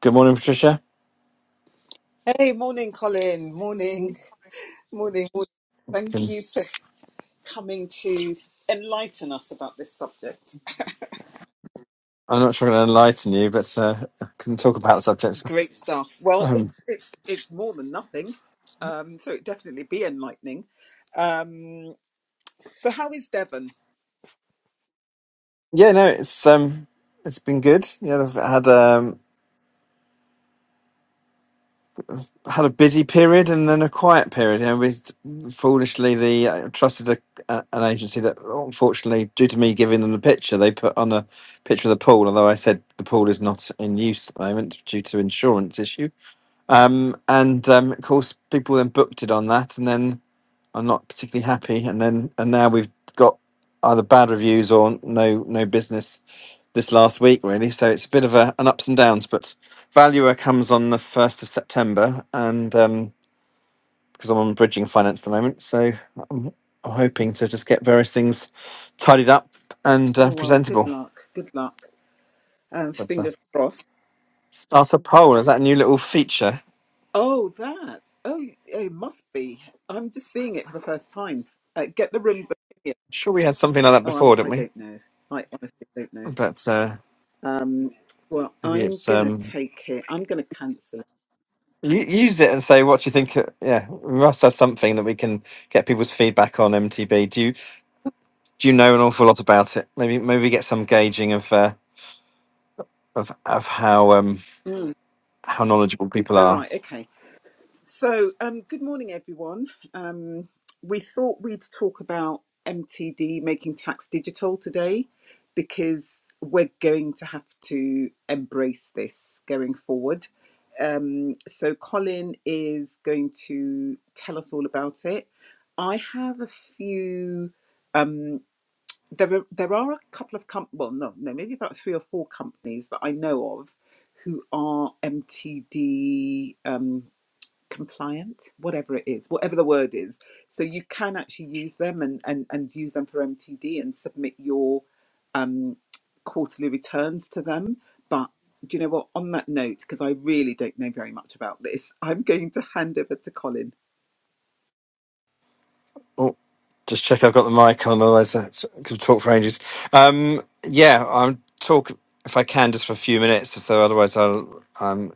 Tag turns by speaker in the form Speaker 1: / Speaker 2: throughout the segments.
Speaker 1: Good morning, Patricia.
Speaker 2: Hey, morning, Colin. Morning, morning, morning. Thank
Speaker 1: Can-
Speaker 2: you for coming to enlighten us about this subject.
Speaker 1: I'm not sure I'm going to enlighten you, but uh, I can talk about the subject.
Speaker 2: Great stuff. Well,
Speaker 1: Um,
Speaker 2: it's it's it's more than nothing, um, so it definitely be enlightening. Um, so, how is Devon?
Speaker 1: yeah, no, it's um, it's been good. Yeah, I've had um, had a busy period and then a quiet period. You know, we foolishly the I trusted a, a, an agency that, unfortunately, due to me giving them the picture, they put on a picture of the pool. Although I said the pool is not in use at the moment due to insurance issue. Um, and um, of course, people then booked it on that, and then. I'm not particularly happy. And then and now we've got either bad reviews or no no business this last week really. So it's a bit of a, an ups and downs. But Valuer comes on the first of September, and um, because I'm on bridging finance at the moment, so I'm hoping to just get various things tidied up and
Speaker 2: Oh
Speaker 1: uh,
Speaker 2: well, good
Speaker 1: presentable.
Speaker 2: luck. Good luck. Um,
Speaker 1: But uh,
Speaker 2: fingers crossed.
Speaker 1: start a poll is that a new little feature?
Speaker 2: Oh, that. Oh, it must be. I'm just seeing it for the first time. Uh, get the rooms. Opinion.
Speaker 1: sure, we had something like that
Speaker 2: Oh, I'm.
Speaker 1: before, didn't
Speaker 2: I
Speaker 1: we?
Speaker 2: don't know. I honestly don't know.
Speaker 1: But uh,
Speaker 2: Um, well,
Speaker 1: maybe
Speaker 2: I'm
Speaker 1: it's
Speaker 2: going to
Speaker 1: um,
Speaker 2: take it. I'm going to cancel it.
Speaker 1: U- Use it and say what you think. uh, Yeah, we must have something that we can get people's feedback on MTB. Do you do you know an awful lot about it? Maybe maybe get some gauging of uh, of of how um
Speaker 2: Mm.
Speaker 1: how knowledgeable people
Speaker 2: All
Speaker 1: are.
Speaker 2: right. Okay. So, um, good morning, everyone. Um, we thought we'd talk about MTD making tax digital today because we're going to have to embrace this going forward. Um, so, Colin is going to tell us all about it. I have a few. Um, there are, there are a couple of com- well no no maybe about three or four companies that I know of who are MTD um, compliant whatever it is whatever the word is so you can actually use them and and, and use them for MTD and submit your um, quarterly returns to them but do you know what on that note because I really don't know very much about this I'm going to hand over to Colin
Speaker 1: Oh, just check I've got the mic on, otherwise I could talk for ages. Um, yeah, I'm talk if I can just for a few minutes or so. Otherwise, I'll. um,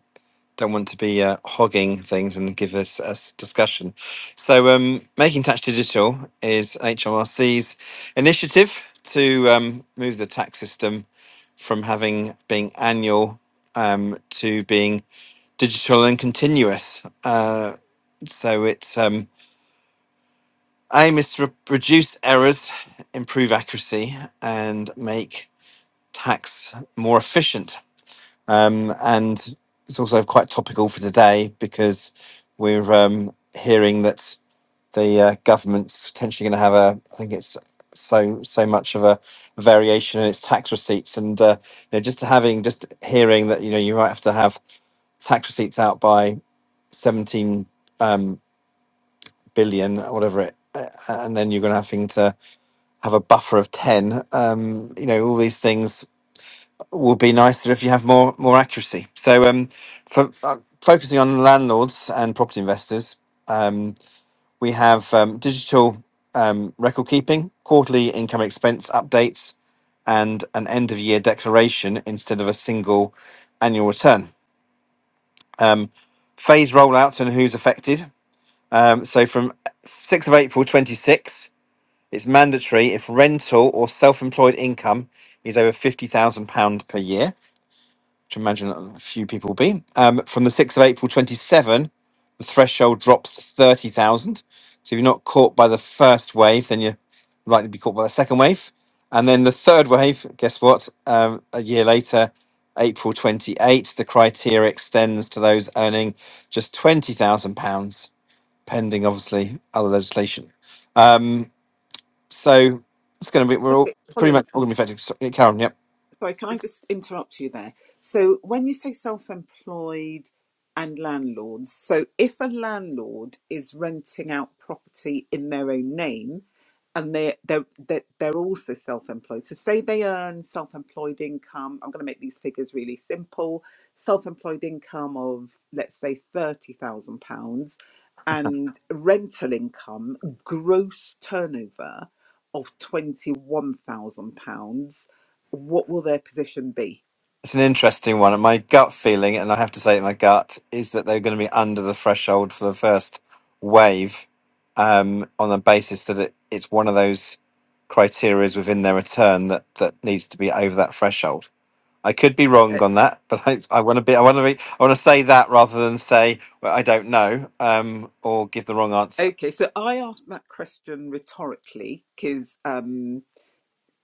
Speaker 1: don't want to be uh, hogging things and give us a s- discussion. So, um, Making Tax Digital is HMRC's initiative to um, move the tax system from having being annual um, to being digital and continuous. Uh, so, its um, aim is to re- reduce errors, improve accuracy, and make tax more efficient um, and it's also quite topical for today because we're um, hearing that the uh, government's potentially going to have a, I think it's so so much of a variation in its tax receipts, and uh, you know, just to having just hearing that you know you might have to have tax receipts out by seventeen um, billion, or whatever it. uh, And then you're going to having to have a buffer of ten. Um, you know all these things would be nicer if you have more more accuracy. So, um, for uh, focusing on landlords and property investors, um, we have um, digital um, record keeping, quarterly income expense updates, and an end of year declaration instead of a single annual return. Um, phase rollouts and who's affected. Um, so, from 6th of April 26, it's mandatory if rental or self employed income is over £50,000 per year which I imagine a few people will be. Um, from the 6th of April 27, the threshold drops to 30,000. So if you're not caught by the first wave, then you're likely to be caught by the second wave. And then the third wave, guess what? Um, a year later, April 28, the criteria extends to those earning just £20,000, pending obviously other legislation. Um, so it's going to be, we're all
Speaker 2: okay
Speaker 1: pretty
Speaker 2: Colin
Speaker 1: much all going to be affected. So, yeah, Karen, yep.
Speaker 2: sorry, can I just interrupt you there? So when you say self-employed and landlords, so if a landlord is renting out property in their own name and they're, they're, they're, they're also self-employed, so say they earn self-employed income, I'm going to make these figures really simple, self-employed income of, let's say, £30,000 and rental income, gross turnover of £21,000 what will their position be?
Speaker 1: It's an interesting one. And my gut feeling, and I have to say my gut, is that they're going to be under the threshold for the first wave um, on the basis that it, it's one of those criterias within their return that, that needs to be over that threshold. I could be
Speaker 2: Uh,
Speaker 1: wrong on that, but I, I want to be, I want to be, I want to say that rather than say well, I don't know um, or give the wrong answer.
Speaker 2: okay, so I asked that question rhetorically because um,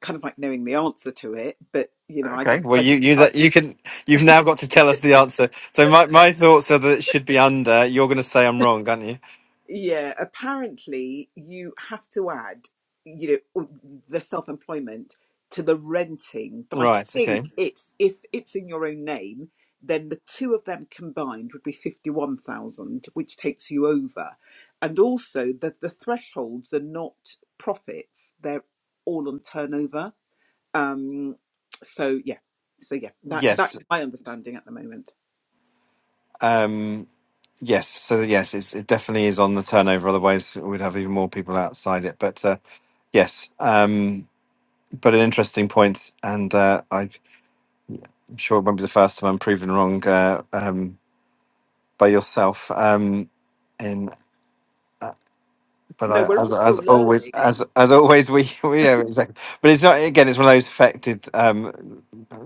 Speaker 2: kind of like knowing the answer to it, but you know, I
Speaker 1: Okay.
Speaker 2: just
Speaker 1: Well,
Speaker 2: I just
Speaker 1: you you
Speaker 2: I
Speaker 1: that you can you've now got to tell us the answer. So my, my thoughts are that it should be under. You're going to say I'm wrong, aren't you?
Speaker 2: Yeah, apparently you have to add, you know, the self-employment to the renting, but I
Speaker 1: Right. Okay.
Speaker 2: think it's if it's in your own name, then the two of them combined would be 51,000, which takes you over. And also that the thresholds are not profits, they're all on turnover. Um, so yeah. So yeah, that that's
Speaker 1: Yes.
Speaker 2: my understanding at the moment.
Speaker 1: Um, yes. So yes, it's, it definitely is on the turnover. Otherwise, we'd have even more people outside it. But uh, yes. Um, but an interesting point, and uh, I'm sure it won't be the first time I'm proven wrong uh, um, by yourself. Um, in but
Speaker 2: No,
Speaker 1: I,
Speaker 2: we're
Speaker 1: as
Speaker 2: all
Speaker 1: as
Speaker 2: still
Speaker 1: always
Speaker 2: learning.
Speaker 1: as as always we, we yeah exactly. But it's not again. It's one of those affected. Um,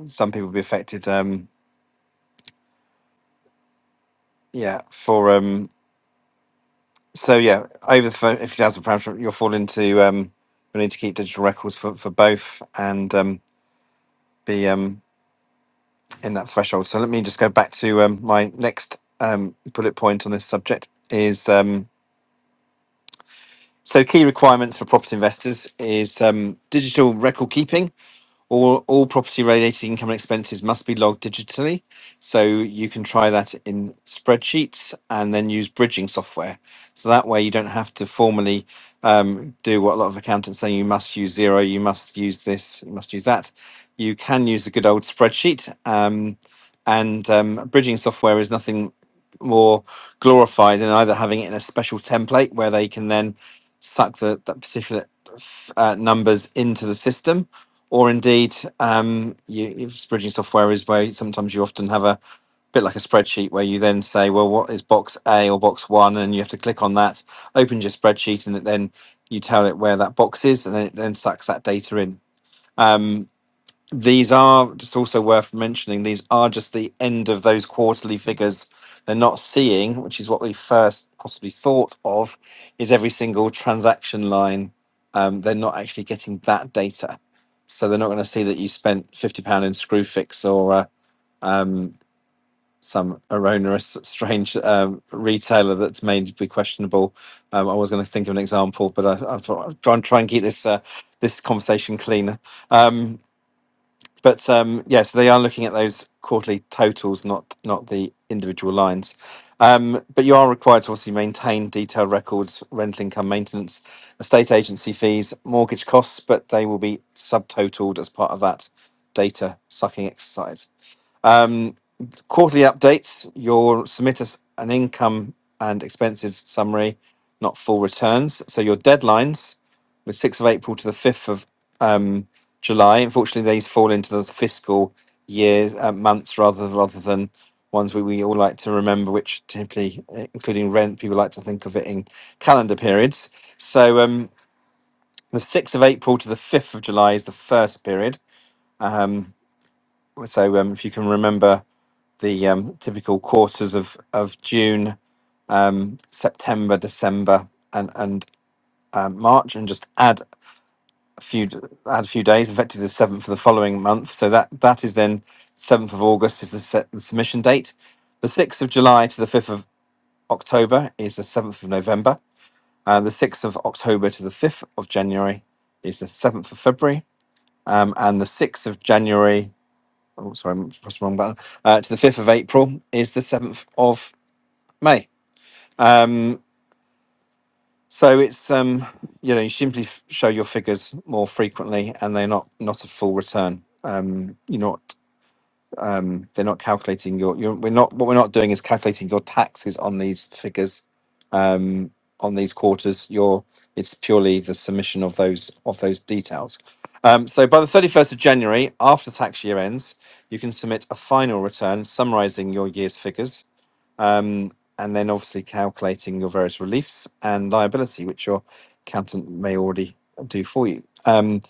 Speaker 1: some people will be affected. Um, yeah. For um, so yeah, over the phone, fifty thousand pounds, you'll fall into um, we need to keep digital records for, for both and um, be um, in that threshold. So let me just go back to um, my next um, bullet point on this subject is um, so key requirements for property investors is um, digital record keeping All, all property related income and expenses must be logged digitally. So you can try that in spreadsheets and then use bridging software. So that way you don't have to formally um, do what a lot of accountants say you must use zero, you must use this, you must use that. You can use the good old spreadsheet. Um, and um, bridging software is nothing more glorified than either having it in a special template where they can then suck the, that particular uh, numbers into the system or indeed um, you, if bridging software is where sometimes you often have a bit like a spreadsheet where you then say, well, what is box A or box one, and you have to click on that, opens your spreadsheet, and it then you tell it where that box is, and then it then sucks that data in. Um, these are just also worth mentioning these are just the end of those quarterly figures they're not seeing which is what we first possibly thought of is every single transaction line um, they're not actually getting that data so they're not going to see that you spent 50 pound in screwfix or uh, um, some erroneous strange um, retailer that's made to be questionable um, i was going to think of an example but i, I thought i would try and try and keep this uh, this conversation cleaner Um, but um, yeah, so they are looking at those quarterly totals, not not the individual lines. Um, but you are required to obviously maintain detailed records, rental income maintenance, estate agency fees, mortgage costs, but they will be subtotaled as part of that data sucking exercise. Um, Quarterly updates, you'll submit us an income and expensive summary, not full returns. So your deadlines were 6th of April to the 5th of um, July. Unfortunately, these fall into those fiscal years, uh, months rather, rather than ones we, we all like to remember, which typically, uh, including rent, people like to think of it in calendar periods. So um, the 6th of April to the 5th of July is the first period. Um, so um, if you can remember the um, typical quarters of of June, um, September, December, and and um, March, and just add a few d- add a few days, effectively the seventh for the following month. So that that is then seventh of August is the, set, the submission date. The sixth of July to the fifth of October is the seventh of November. Uh, the sixth of October to the fifth of January is the seventh of February, um, and the sixth of January. Oh, sorry, I pressed the wrong button. Uh, to the fifth of April is the seventh of May. Um, so it's um, you know you simply f- show your figures more frequently, and they're not not a full return. Um, you're not um, they're not calculating your you're, we're not what we're not doing is calculating your taxes on these figures um, on these quarters. Your it's purely the submission of those of those details. Um, so by the 31st of January, after tax year ends, you can submit a final return summarising your year's figures um, and then obviously calculating your various reliefs and liability, which your accountant may already do for you. Um,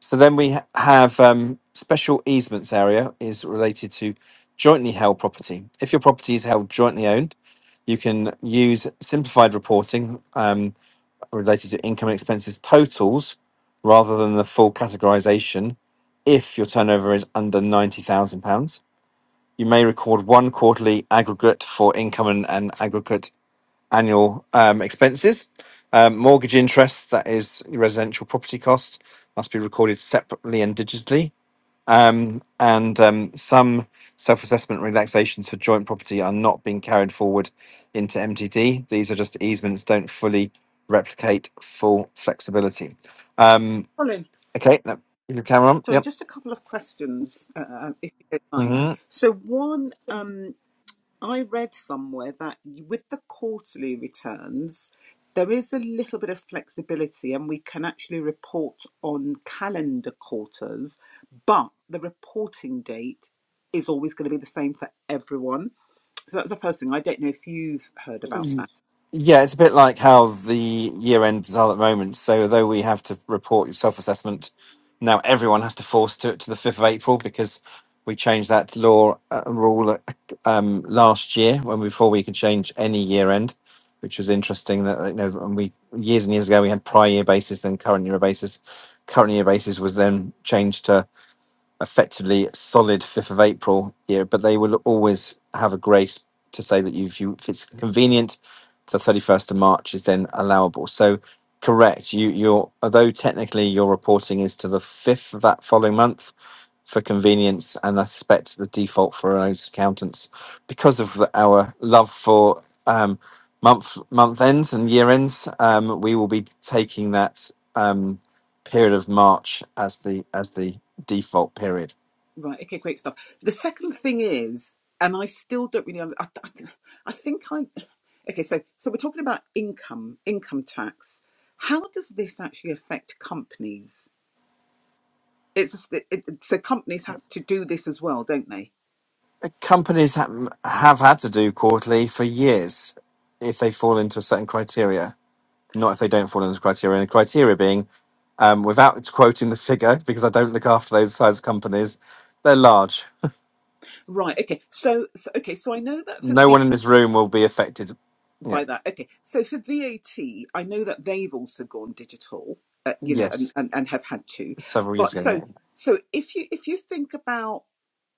Speaker 1: so then we ha- have um, special easements area is related to jointly held property. If your property is held jointly owned, you can use simplified reporting um, related to income and expenses totals rather than the full categorization if your turnover is under £90,000 you may record one quarterly aggregate for income and, and aggregate annual um, expenses. Um, mortgage interest, that is your residential property cost, must be recorded separately and digitally. Um, and um, some self assessment relaxations for joint property are not being carried forward into MTD. These are just easements, don't fully replicate full flexibility. Um,
Speaker 2: Colin.
Speaker 1: okay, that, your camera on?
Speaker 2: Sorry,
Speaker 1: Yep.
Speaker 2: just a couple of questions, uh, uh, um, if you don't mind.
Speaker 1: hmm
Speaker 2: So, one, um, I read somewhere that with the quarterly returns, there is a little bit of flexibility and we can actually report on calendar quarters, but the reporting date is always going to be the same for everyone. So, that's the first thing. I don't know if you've heard about that.
Speaker 1: Yeah, it's a bit like how the year ends are at the moment. So, though we have to report your self assessment, now everyone has to force to it to the 5th of April because we changed that law uh, rule um, last year when before we could change any year end, which was interesting. That you know, and we years and years ago we had prior year basis, then current year basis. Current year basis was then changed to effectively solid 5th of April here, but they will always have a grace to say that if, you, if it's convenient, the 31st of March is then allowable. So, correct, you, you're, although technically your reporting is to the 5th of that following month for convenience, and I suspect the default for those accountants, because of the, our love for um, month month ends and year ends, um, we will be taking that um, period of March as the as the default period.
Speaker 2: Right. Okay. Great stuff. The second thing is, and I still don't really. I, I, I think I. Okay. So so we're talking about income, income tax. How does this actually affect companies? It's it, it- so companies have to do this as well, don't they?
Speaker 1: Uh, Companies ha- have had to do quarterly for years if they fall into a certain criteria, not if they don't fall into the criteria. And the criteria being, um, without quoting the figure, because I don't look after those size companies, they're large.
Speaker 2: Right. Okay. So, so okay. So I know that for
Speaker 1: No one in this room will be affected. Yeah,
Speaker 2: by that. Okay. So for VAT, I know that they've also gone digital, uh, you know, and,
Speaker 1: yes,
Speaker 2: and, and have had to.
Speaker 1: several years
Speaker 2: But
Speaker 1: ago. Yeah.
Speaker 2: so so if you if you think about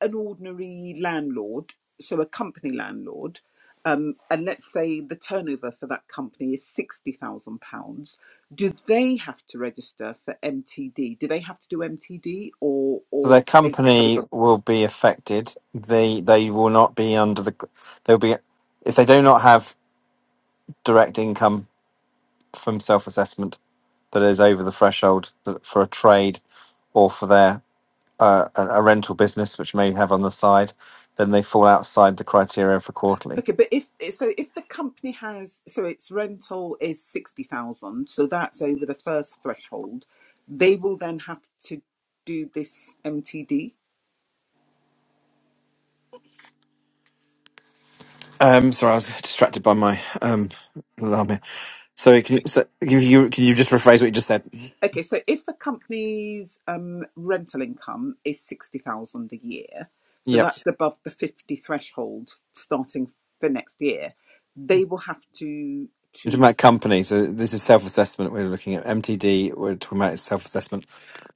Speaker 2: an ordinary landlord, so a company landlord, um, and let's say the turnover for that company is sixty thousand pounds, do they have to register for MTD? Do they have to do MTD, or
Speaker 1: So
Speaker 2: or
Speaker 1: their
Speaker 2: do they? carry on?
Speaker 1: company will be affected. They they will not be under the. They'll be if they do not have direct income from self assessment that is over the threshold that- for a trade or for their uh, a a rental business, which may have on the side, then they fall outside the criteria for quarterly.
Speaker 2: Okay, but if eh, so, if the company has so its rental is sixty thousand, so that's over the first threshold, they will then have to do this MTD.
Speaker 1: Um, sorry, I was distracted by my um, alarm here. So,
Speaker 2: Right.
Speaker 1: can you, so can, you, can you just rephrase what you just said?
Speaker 2: Okay, so if the company's um, rental income is sixty thousand a year, so
Speaker 1: Yep.
Speaker 2: that's above the fifty threshold starting for next year, they will have to
Speaker 1: You're
Speaker 2: to
Speaker 1: talking about companies. So this is self-assessment. We're looking at MTD. We're talking about self-assessment.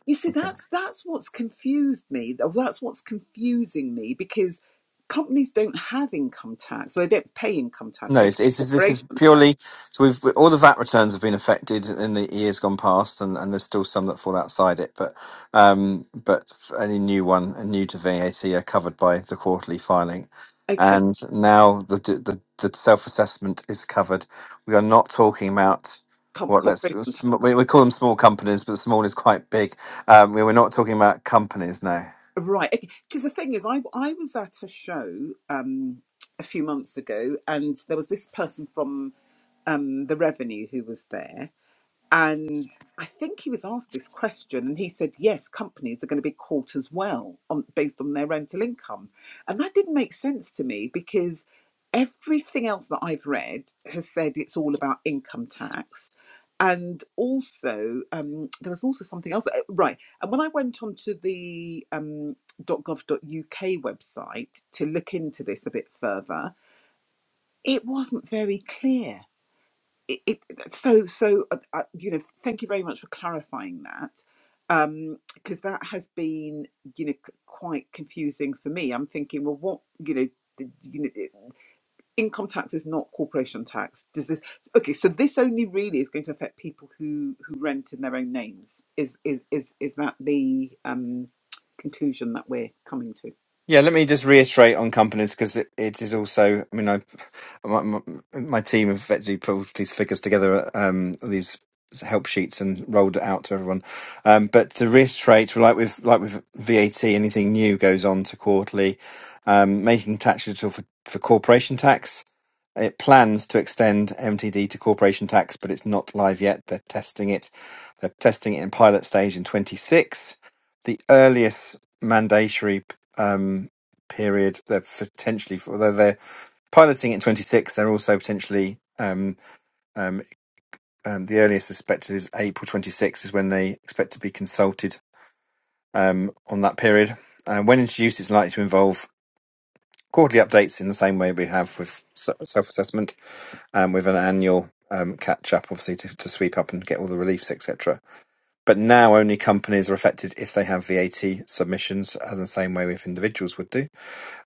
Speaker 2: You see, that's that's what's confused me. that's what's confusing me because companies don't have income tax. so They don't pay income tax.
Speaker 1: No,
Speaker 2: They pay
Speaker 1: it's, it's just- this is
Speaker 2: corporation tax.
Speaker 1: purely so we've all the VAT returns have been affected in the years gone past, and, and there's still some that fall outside it, but um, but any new one and new to VAT are covered by the quarterly filing,
Speaker 2: Okay,
Speaker 1: and now the d- the, the self assessment is covered. We are not talking about
Speaker 2: com-
Speaker 1: what let's
Speaker 2: corporation tax.
Speaker 1: sm- we, we call them small companies, but small is quite big. Um, we, we're not talking about companies now.
Speaker 2: Right. Because the thing is, I I was at a show um, a few months ago, and there was this person from um, the revenue who was there, And I think he was asked this question, and he said, "Yes, companies are going to be caught as well on based on their rental income," and that didn't make sense to me because everything else that I've read has said it's all about income tax, and also um, there was also something else, uh, right? And when I went onto the um, .gov.uk website to look into this a bit further, it wasn't very clear it, it so so uh, uh, you know thank you very much for clarifying that um because that has been you know c- quite confusing for me i'm thinking well what you know the- you know it- income tax is not corporation tax does this okay so this only really is going to affect people who who rent in their own names is is is, is that the um conclusion that we're coming to
Speaker 1: Yeah, let me just reiterate on companies because it, it is also. I mean, I my, my, my team have actually pulled these figures together, um, these help sheets, and rolled it out to everyone. Um, but to reiterate, like with like with VAT, anything new goes on to quarterly, um, making tax digital for, for corporation tax. It plans to extend MTD to corporation tax, but it's not live yet. They're testing it. They're testing it in pilot stage in 26. The earliest mandatory um, period they're potentially, although they're piloting it in 26, they're also potentially um, um, um, the earliest expected is April 26 is when they expect to be consulted um, on that period. And when introduced, it's likely to involve quarterly updates in the same way we have with se- self-assessment um, with an annual um, catch up, obviously, to, to sweep up and get all the reliefs, etc. But now only companies are affected if they have VAT submissions, uh, the same way if individuals would do.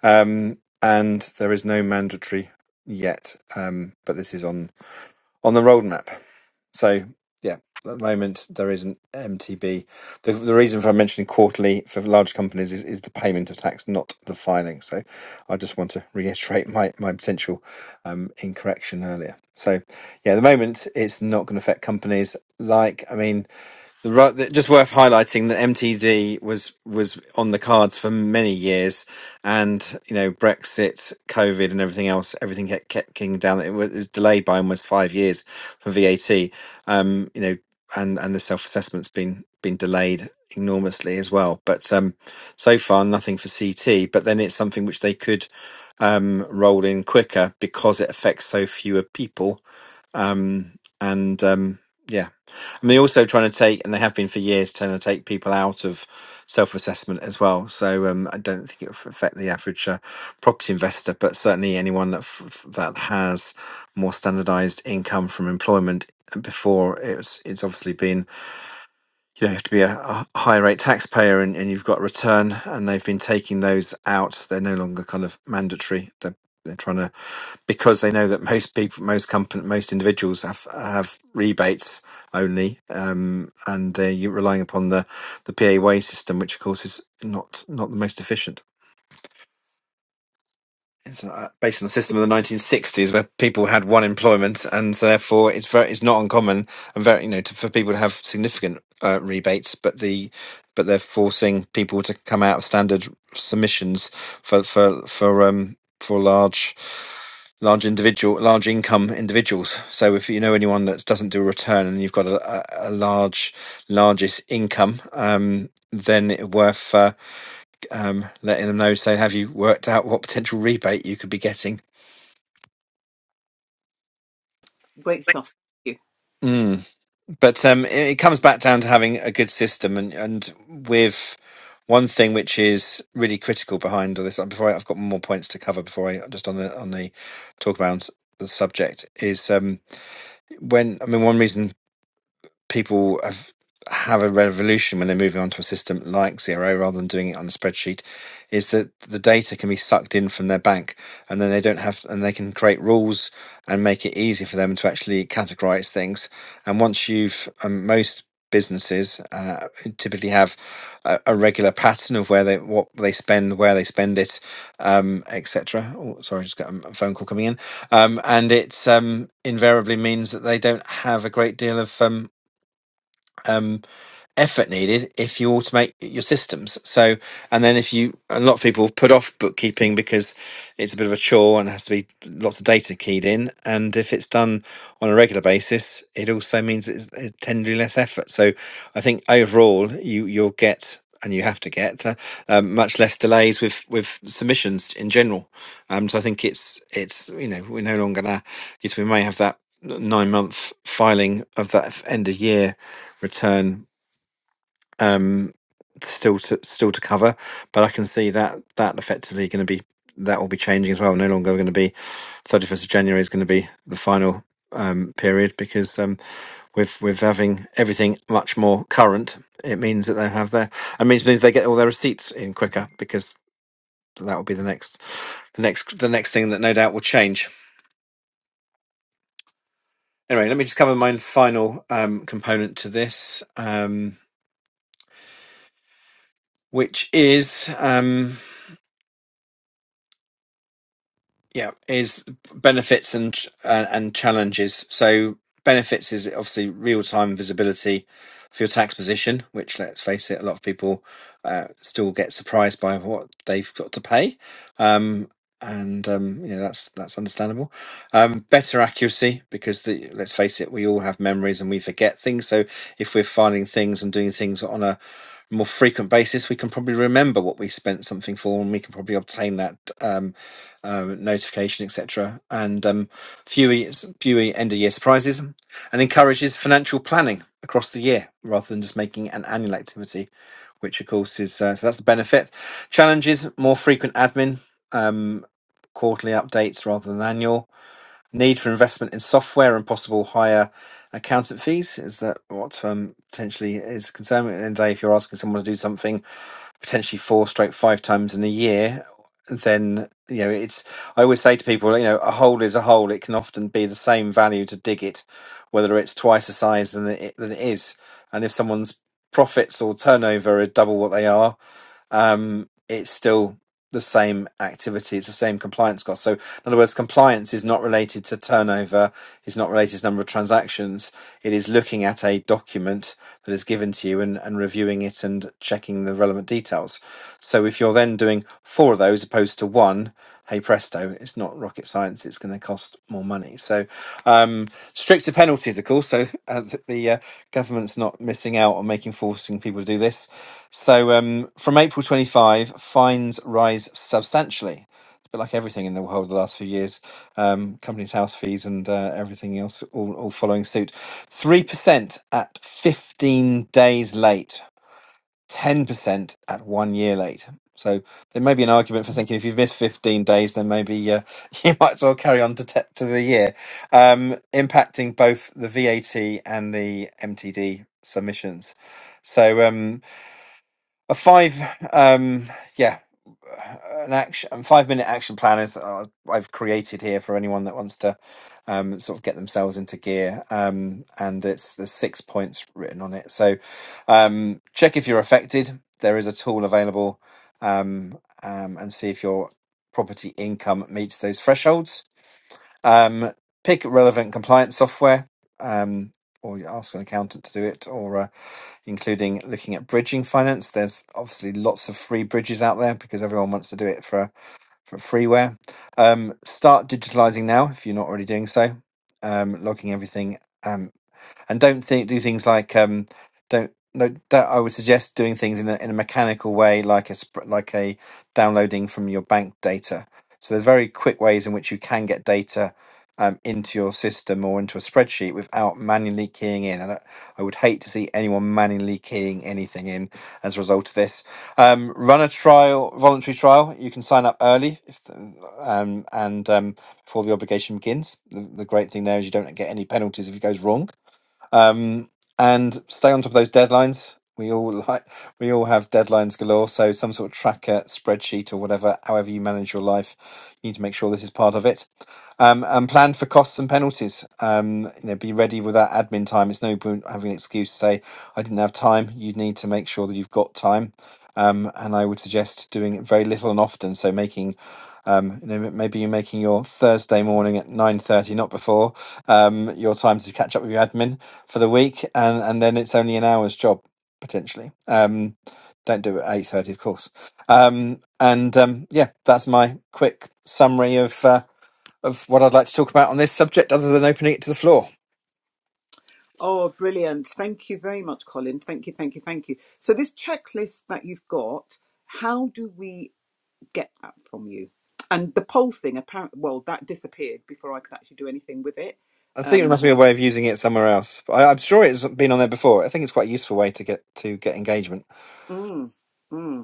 Speaker 1: Um, and there is no mandatory yet, um, but this is on on the roadmap. So yeah, at the moment there is an MTB. The, the reason for mentioning quarterly for large companies is, is the payment of tax, not the filing. So I just want to reiterate my, my potential um, incorrection earlier. So yeah, at the moment it's not going to affect companies like I mean. The ru- that- Just worth highlighting that MTD was was on the cards for many years, and you know Brexit, COVID, and everything else, everything kept kept kicking down. It was it was delayed by almost five years for VAT. Um, you know, and and the self assessment's been been delayed enormously as well. But um, so far nothing for CT. But then it's something which they could um roll in quicker because it affects so fewer people um, and um, yeah, I mean, also trying to take, and they have been for years, trying to take people out of self-assessment as well. So um, I don't think it will affect the average uh, property investor, but certainly anyone that f- f- that has more standardised income from employment before it's it's obviously been you know, you have to be a, a high rate taxpayer and, and you've got a return and they've been taking those out. They're no longer kind of mandatory. They're, they're trying to, because they know that most people, most company, most individuals have, have rebates only. Um, and uh, you're relying upon the, the PAYE system, which of course is not, not the most efficient it's uh, based on a system of the 1960s where people had one employment and so therefore it's very it's not uncommon and very you know to, for people to have significant uh, rebates but the but they're forcing people to come out of standard submissions for for for um for large large individual large income individuals so if you know anyone that doesn't do a return and you've got a, a, a large largest income um then it worth uh, um, letting them know, saying, "Have you worked out what potential rebate you could be getting?"
Speaker 2: great stuff
Speaker 1: Mm. But um, it, it comes back down to having a good system, and and with one thing which is really critical behind all this. Before I, I've got more points to cover before I just on the on the talk about the subject is um, when I mean one reason people have have a revolution when they're moving onto a system like Zero rather than doing it on a spreadsheet is that the data can be sucked in from their bank and then they don't have and they can create rules and make it easy for them to actually categorize things and once you've um, most businesses uh, typically have a, a regular pattern of where they what they spend where they spend it um etc oh sorry just got a a phone call coming in um, and it um, invariably means that they don't have a great deal of um, um, effort needed if you automate your systems. So, and then if you, a lot of people put off bookkeeping because it's a bit of a chore and has to be lots of data keyed in. And if it's done on a regular basis, it also means it's, it's tenderly less effort. So, I think overall, you you'll get. And you have to get uh, um, much less delays with, with submissions in general. Um, so I think it's it's you know we're no longer gonna yes we may have that nine month filing of that end of year return um, still to still to cover, but I can see that that effectively going to be that will be changing as well. No longer going to be thirty first of January is going to be the final um, period because um, with with having everything much more current, it means that they have their I mean it means they get all their receipts in quicker because that will be the next the next the next thing that no doubt will change. Anyway, let me just cover my final um, component to this, um, which is Um, yeah is benefits and uh, and challenges so benefits is obviously real-time visibility for your tax position which let's face it a lot of people uh, still get surprised by what they've got to pay um and um you know that's that's understandable um better accuracy because the let's face it we all have memories and we forget things so if we're finding things and doing things on a more frequent basis we can probably remember what we spent something for and we can probably obtain that um um, notification, etc., and um, fewer fewer end of year surprises, and encourages financial planning across the year rather than just making an annual activity, which of course is uh, so that's the benefit. Challenges: more frequent admin, um, quarterly updates rather than annual. Need for investment in software and possible higher accountant fees is that what um, potentially is concerned. At the end of the day, if you're asking someone to do something potentially four stroke five times in a year then you know it's i always say to people you know a hole is a hole it can often be the same value to dig it whether it's twice the size than it than it is and if someone's profits or turnover are double what they are um, it's still the same activity. It's the same compliance cost. So, in other words, compliance is not related to turnover. It's not related to number of transactions. It is looking at a document that is given to you and, and reviewing it and checking the relevant details. So, if you're then doing four of those opposed to one, hey presto, it's not rocket science. It's going to cost more money. So, um, stricter penalties, of course. So uh, the uh, government's not missing out on making forcing people to do this. So um, from April 25, fines rise substantially. It's a bit like everything in the world the last few years. Um, companies' house fees and uh, everything else all, all following suit. 3% at 15 days late, 10% at one year late. So there may be an argument for thinking if you've missed 15 days, then maybe uh, you might as well carry on to, te- to the year, um, impacting both the VAT and the MTD submissions. So, um, a five um yeah an action and five minute action plan is uh, i've created here for anyone that wants to um sort of get themselves into gear um and it's there's six points written on it so um check if you're affected there is a tool available um, um and see if your property income meets those thresholds um, pick relevant compliance software, um, or you ask an accountant to do it, or uh, including looking at bridging finance. There's obviously lots of free bridges out there because everyone wants to do it for for freeware. Um, start digitalizing now if you're not already doing so. Um, logging everything. um, and don't think do things like um don't no that I would suggest doing things in a in a mechanical way like a sp- like a downloading from your bank data. So there's very quick ways in which you can get data um, into your system or into a spreadsheet without manually keying in. And I, I would hate to see anyone manually keying anything in as a result of this. Um, run a trial, voluntary trial. You can sign up early if the- um, and um, before the obligation begins. The, the great thing there is you don't get any penalties if it goes wrong um, and stay on top of those deadlines. We all like we all have deadlines galore, so some sort of tracker, spreadsheet, or whatever. However you manage your life, you need to make sure this is part of it. Um, and plan for costs and penalties. Um, you know, be ready with that admin time. It's no point having an excuse to say I didn't have time. You need to make sure that you've got time. Um, and I would suggest doing it very little and often. So making, um, you know, maybe you're making your Thursday morning at nine thirty, not before, um, your time to catch up with your admin for the week, and and then it's only an hour's job potentially. Um, don't do it at eight thirty, of course. Um, and um, yeah, that's my quick summary of uh, of what I'd like to talk about on this subject, other than opening it to the floor.
Speaker 2: Oh, brilliant. Thank you very much, Colin. Thank you, thank you, thank you. So, this checklist that you've got, how do we get that from you? And the poll thing, apparently, well, that disappeared before I could actually do anything with it.
Speaker 1: I think there must be a way of using it somewhere else. I, I'm sure it's been on there before. I think it's quite a useful way to get to get engagement.
Speaker 2: Mm, mm.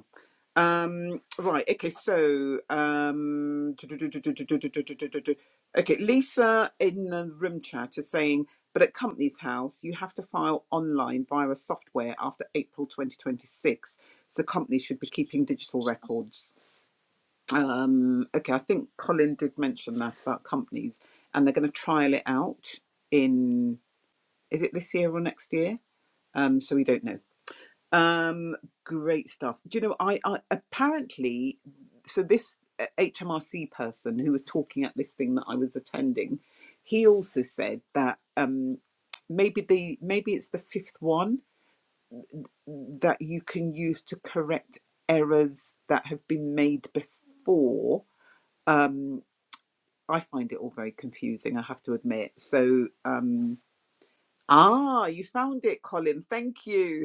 Speaker 2: Um, right, okay, so um, okay, Lisa in the room chat is saying, but at Companies House, you have to file online via a software after April 2026, so companies should be keeping digital records. Um, okay, I think Colin did mention that about companies, and they're going to trial it out in is it this year or next year? Um, so we don't know. Um, great stuff. Do you know, I, I apparently, so this uh, HMRC person who was talking at this thing that I was attending, he also said that um, maybe the maybe it's the fifth one that you can use to correct errors that have been made before. Um, I find it all very confusing, I have to admit. So, um, ah, you found it, Colin. Thank you.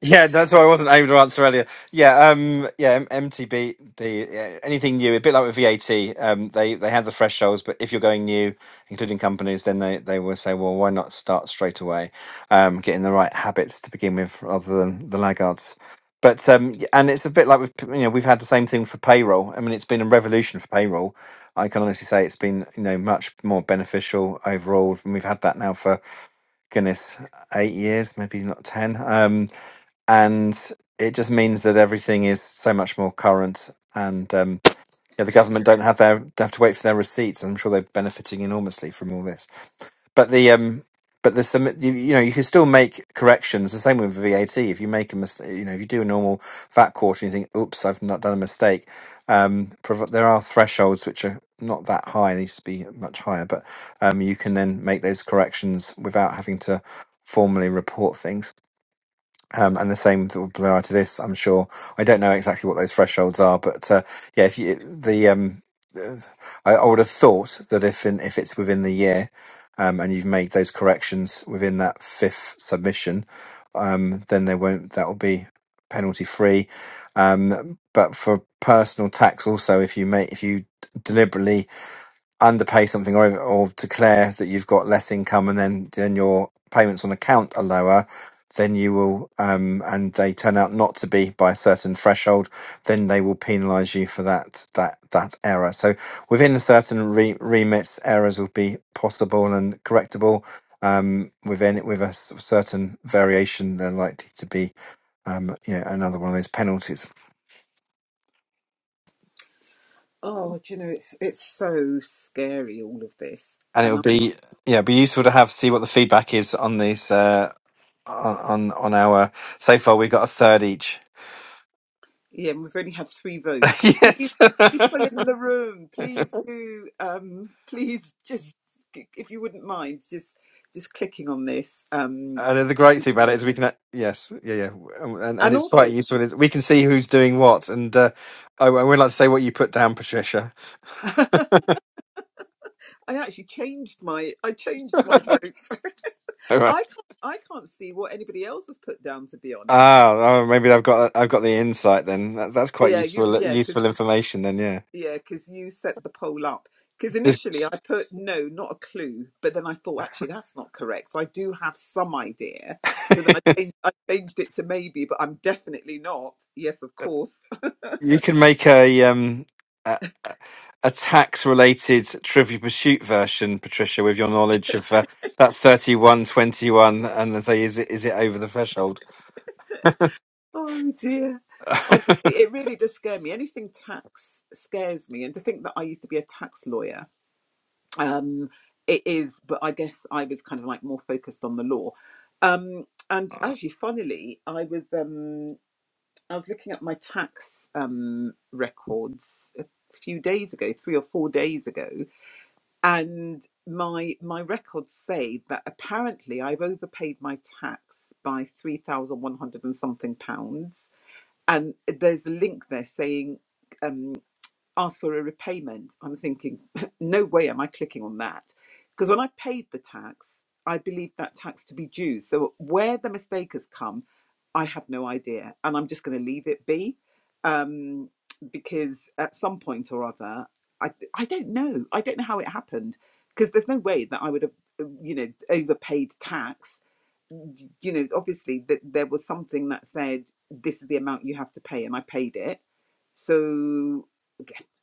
Speaker 1: Yeah, that's why I wasn't able to answer earlier. Yeah, um, yeah, M- MTBD, yeah, anything new, a bit like with VAT, um, they they had the thresholds, but if you're going new, including companies, then they they will say, well, why not start straight away, um, getting the right habits to begin with, rather than the laggards. But um, y- and it's a bit like with p- you know we've had the same thing for payroll. I mean, it's been a revolution for payroll. I can honestly say it's been you know much more beneficial overall, and we've had that now for goodness, eight years, maybe not 10. Um, and it just means that everything is so much more current. And um, yeah, the government don't have their they have to wait for their receipts. and I'm sure they're benefiting enormously from all this but the um but there's some you, you know you can still make corrections the same with vat if you make a mistake you know if you do a normal vat quarter and you think oops i've not done a mistake um prov- there are thresholds which are not that high they used to be much higher but um you can then make those corrections without having to formally report things um, and the same th- will apply to this, I'm sure. I don't know exactly what those thresholds are, but uh, yeah, if you, the um, uh, I, I would have thought that if in, if it's within the year, um, and you've made those corrections within that fifth submission, um, then they won't. That will be penalty free. Um, but for personal tax, also, if you make if you deliberately underpay something or or declare that you've got less income and then then your payments on account are lower then you will um and they turn out not to be by a certain threshold then they will penalize you for that that that error so within a certain re- remits errors will be possible and correctable um within with a s- certain variation they're likely to be um you know another one of those penalties
Speaker 2: Oh, do you know, it's it's so scary all of this,
Speaker 1: and it
Speaker 2: and
Speaker 1: would
Speaker 2: I,
Speaker 1: be yeah it'd be useful to have see what the feedback is on these uh, on on on our so far we got a third each
Speaker 2: yeah, and we've only had three votes. Please,
Speaker 1: yes and
Speaker 2: people in the room, please do, um, please just if you wouldn't mind, just just clicking on this. Um,
Speaker 1: the great thing about it is we can a- yes yeah yeah Um, and and
Speaker 2: and
Speaker 1: it's quite
Speaker 2: also,
Speaker 1: useful is we can see who's doing what and uh i, I would like to say what you put down patricia
Speaker 2: I actually changed my I changed my vote.
Speaker 1: all right
Speaker 2: I can't I can't see what anybody else has put down. To be honest,
Speaker 1: ah oh, maybe i've got i've got the insight then that, that's quite
Speaker 2: yeah, you
Speaker 1: useful
Speaker 2: yeah, because.
Speaker 1: useful information then
Speaker 2: Yeah, because you set the poll up. Because initially I
Speaker 1: yeah
Speaker 2: put no, not a clue, but then I thought actually that's not correct. I do have some idea, so then I changed, I changed it to maybe, but I'm definitely not. Yes, of course.
Speaker 1: You can make a um a, a tax related Trivia Pursuit version, Patricia, with your knowledge of uh, that thirty one twenty one, and say, is it is it over the threshold?
Speaker 2: Oh dear. Honestly, it really does scare me. Anything tax scares me, and to think that I used to be a tax lawyer, um, it is. But I guess I was kind of like more focused on the law. Um, and actually, funnily, I was. Um, I was looking at my tax um, records a few days ago, three or four days ago, and my my records say that apparently I've overpaid my tax by three thousand one hundred and something pounds, and there's a link there saying. um, asked for a repayment, I'm thinking, no way am I clicking on that. Because when I paid the tax, I believed that tax to be due. So where the mistake has come, I have no idea. And I'm just going to leave it be um, because at some point or other, I, I don't know. I don't know how it happened because there's no way that I would have, uh, you know, overpaid tax. You know, obviously that there was something that said this is the amount you have to pay, and I paid it. So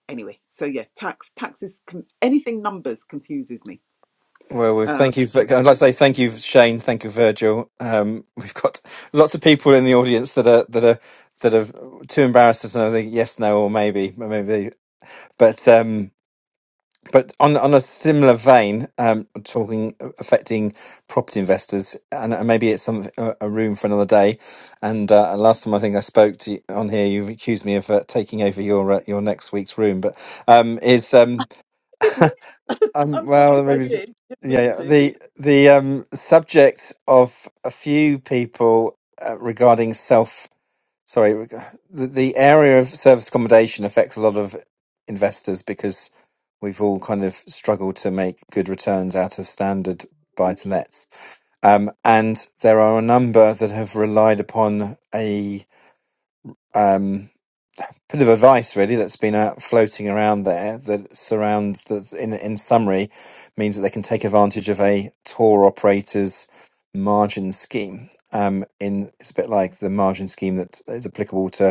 Speaker 2: anyway so yeah tax taxes com- anything numbers confuses me
Speaker 1: well, we
Speaker 2: uh,
Speaker 1: thank
Speaker 2: I
Speaker 1: you. For, I'd like to say thank you, Shane. Thank you, Virgil. Um, we've got lots of people in the audience that are that are that are too embarrassed to know the yes, no, or maybe, maybe. But um, But on on a similar vein, um, talking uh, affecting property investors, and uh, maybe it's some a a room for another day. And uh, last time I think I spoke to you on here, you accused me of uh, taking over your uh, your next week's room. But um, is um,
Speaker 2: didn't
Speaker 1: um,
Speaker 2: i'm sorry
Speaker 1: well,
Speaker 2: if i
Speaker 1: maybe it's,
Speaker 2: did didn't
Speaker 1: yeah,
Speaker 2: mean
Speaker 1: yeah,
Speaker 2: to
Speaker 1: the the um subject of a few people uh, regarding self sorry, the, the area of service accommodation affects a lot of investors because we've all kind of struggled to make good returns out of standard buy to lets. Um, and there are a number that have relied upon a um, bit of advice, really, that's been out floating around there that surrounds, that in, in summary, means that they can take advantage of a tour operator's margin scheme. Um, in it's a bit like the margin scheme that is applicable to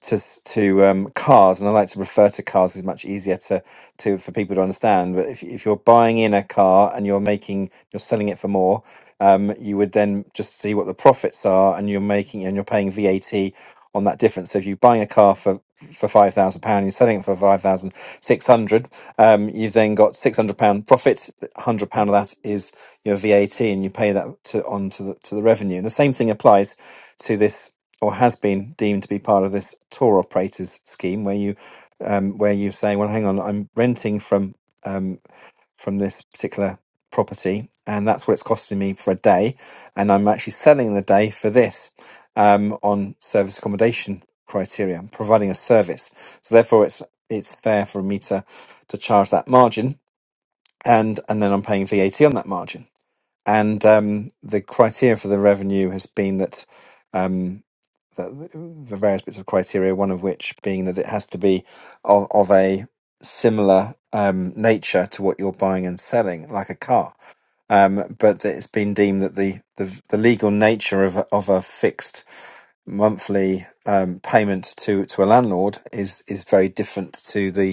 Speaker 1: to s- to um, cars, and I like to refer to cars 'cause it's much easier to to for people to understand. But if if you're buying in a car and you're making you're selling it for more, um, you would then just see what the profits are, and you're making and you're paying VAT on that difference. So if you're buying a car for for five thousand pound, you're selling it for five thousand six hundred. Um, you've then got six hundred pound profit. Hundred pound of that is your VAT, and you pay that to on to the to the revenue. And the same thing applies to this or has been deemed to be part of this tour operators scheme, where you um, where you're saying, well, hang on, I'm renting from um, from this particular property, and that's what it's costing me for a day, and I'm actually selling the day for this um, on service accommodation criteria, providing a service. So therefore, it's it's fair for me to to charge that margin, and and then I'm paying VAT on that margin and um, the criteria for the revenue has been that um, the, the various bits of criteria, one of which being that it has to be of, of a similar um, nature to what you're buying and selling, like a car. Um, but that it's been deemed that the, the, the legal nature of, a- of a fixed monthly um, payment to, to a landlord is, is very different to the.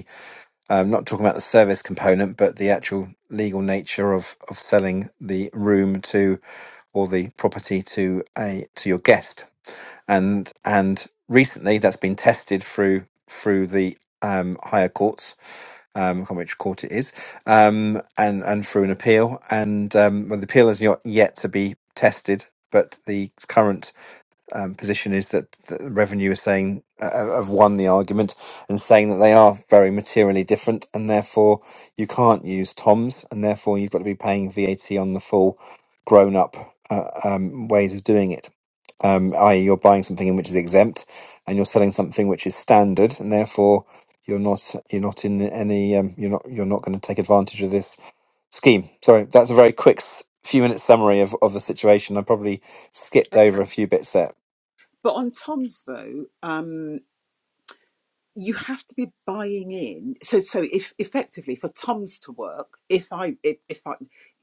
Speaker 1: I'm not talking about the service component, but the actual legal nature of of selling the room to or the property to a to your guest. And and recently, that's been tested through through the um, higher courts. Um, I can't remember which court it is, um, and and through an appeal, and um, well, the appeal has not yet to be tested, but the current um, position is that the revenue is saying uh, uh, have won the argument and saying that they are very materially different and therefore you can't use toms and therefore you've got to be paying VAT on the full grown up uh, um, ways of doing it. Um, i.e., you're buying something in which is exempt, and you're selling something which is standard, and therefore you're not you're not in any um, you're not you're not going to take advantage of this scheme. Sorry, that's a very quick s- few minutes summary of, of the situation. I probably skipped over a few bits there.
Speaker 2: but on toms though um you have to be buying in so so if effectively for toms to work if i if, if i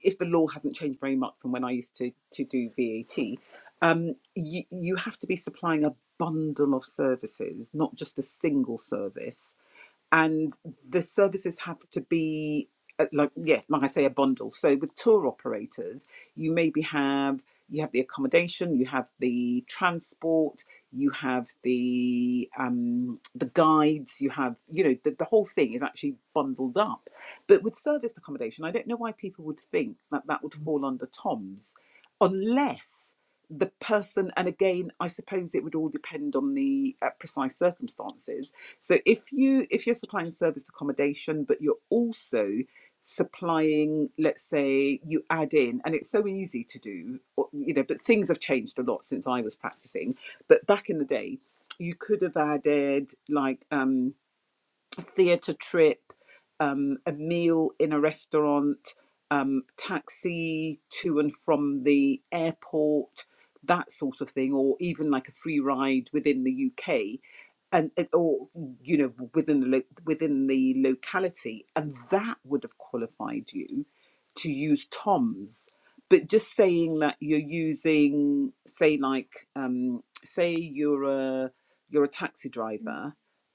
Speaker 2: if the law hasn't changed very much from when i used to to do vat um you you have to be supplying a bundle of services not just a single service and the services have to be uh, like yeah like i say a bundle so with tour operators you maybe have you have the accommodation you have the transport you have the um the guides you have you know the, the whole thing is actually bundled up but with serviced accommodation i don't know why people would think that that would fall under toms unless the person and again i suppose it would all depend on the uh, precise circumstances so if you if you're supplying service accommodation, but you're also supplying, let's say you add in, and it's so easy to do, you know, but things have changed a lot since I was practicing. But back in the day, you could have added like um theatre trip, um, a meal in a restaurant, um, taxi to and from the airport, that sort of thing, or even like a free ride within the UK, and eh, or you know within the lo- within the locality, and that would have qualified you to use Tom's. But just saying that you're using, say, like, um, say you're a you're a taxi driver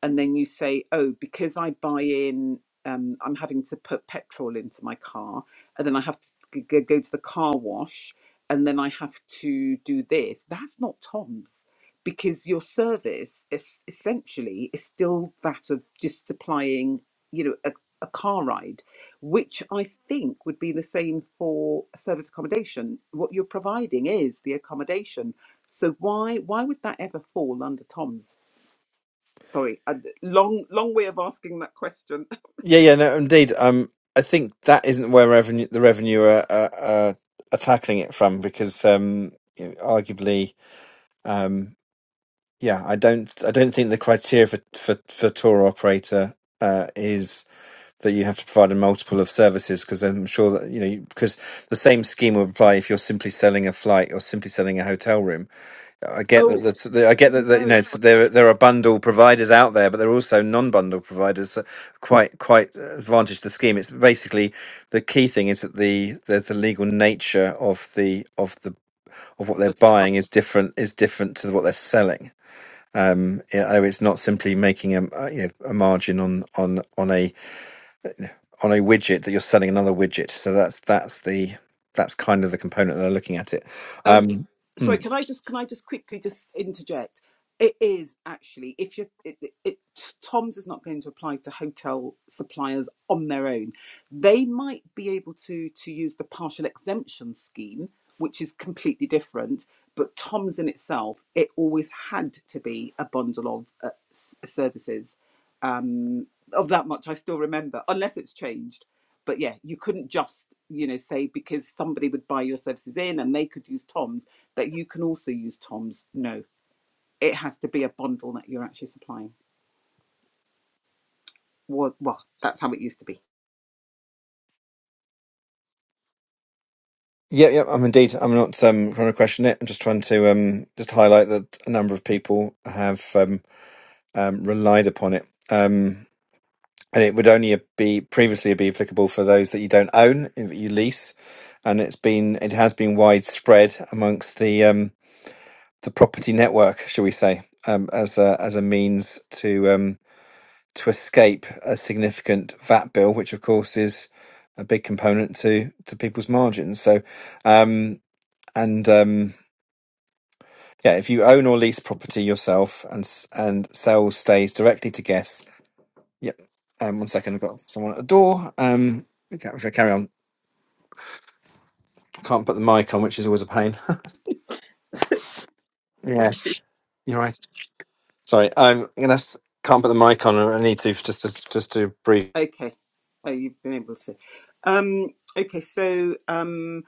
Speaker 2: and then you say, oh, because I buy in, um, I'm having to put petrol into my car, and then I have to g- g- go to the car wash, and then I have to do this. That's not Tom's because your service is essentially is still that of just supplying, you know, a, a car ride, which I think would be the same for service accommodation. What you're providing is the accommodation. So why why would that ever fall under Tom's? sorry, a long long way of asking that question.
Speaker 1: Yeah, yeah, no, indeed. Um, I think that isn't where revenue the revenue are, are, are are tackling it from because um, you know, arguably. Um, yeah, I don't I don't think the criteria for for, for tour operator uh, is that you have to provide a multiple of services because I'm sure that you know because the same scheme would apply if you're simply selling a flight or simply selling a hotel room. I get
Speaker 2: Oh
Speaker 1: that. That's, that- I get that, that you
Speaker 2: no,
Speaker 1: know so there there are bundle providers out there, but there are also non-bundle providers. uh, Quite quite uh, advantage the scheme. It's basically the key thing is that the the, the legal nature of the of the of what they're
Speaker 2: the supply.
Speaker 1: buying is different is different to what they're selling um, yeah, oh, it's not simply making a uh, you know, a margin on on on a on a widget that you're selling another widget. So that's that's the that's kind of the component that they're looking at it.
Speaker 2: Um,
Speaker 1: Um,
Speaker 2: sorry,
Speaker 1: mm.
Speaker 2: can I just can I just quickly just interject? It is actually if you it, it, it, Tom's is not going to apply to hotel suppliers on their own. They might be able to to use the partial exemption scheme, which is completely different. But Tom's in itself, it always had to be a bundle of uh, s- services um, of that much I still remember, unless it's changed. But yeah, you couldn't just, you know, say because somebody would buy your services in and they could use Tom's that you can also use Tom's. No, it has to be a bundle that you're actually supplying. Well, well that's how it used to be.
Speaker 1: Yeah, yeah, I'm indeed. I'm not um, trying to question it. I'm just trying to um, just highlight that a number of people have um, um, relied upon it. Um, and it would only be previously be applicable for those that you don't own, that you lease, and it's been it has been widespread amongst the um, the property network, shall we say, um, as a, as a means to um, to escape a significant VAT bill, which of course is a big component to to people's margins. So, um, and um, yeah, if you own or lease property yourself and s- and sell stays directly to guests. Yep. Um, one second, I've got someone at the door. Um, okay, if I carry on, I can't put the mic on, which is always a pain. Yes, you're right. Sorry, I'm gonna have to- can't put the mic on. I need to just just just to breathe.
Speaker 2: Okay. Oh, you've been able to. Um, okay, so um,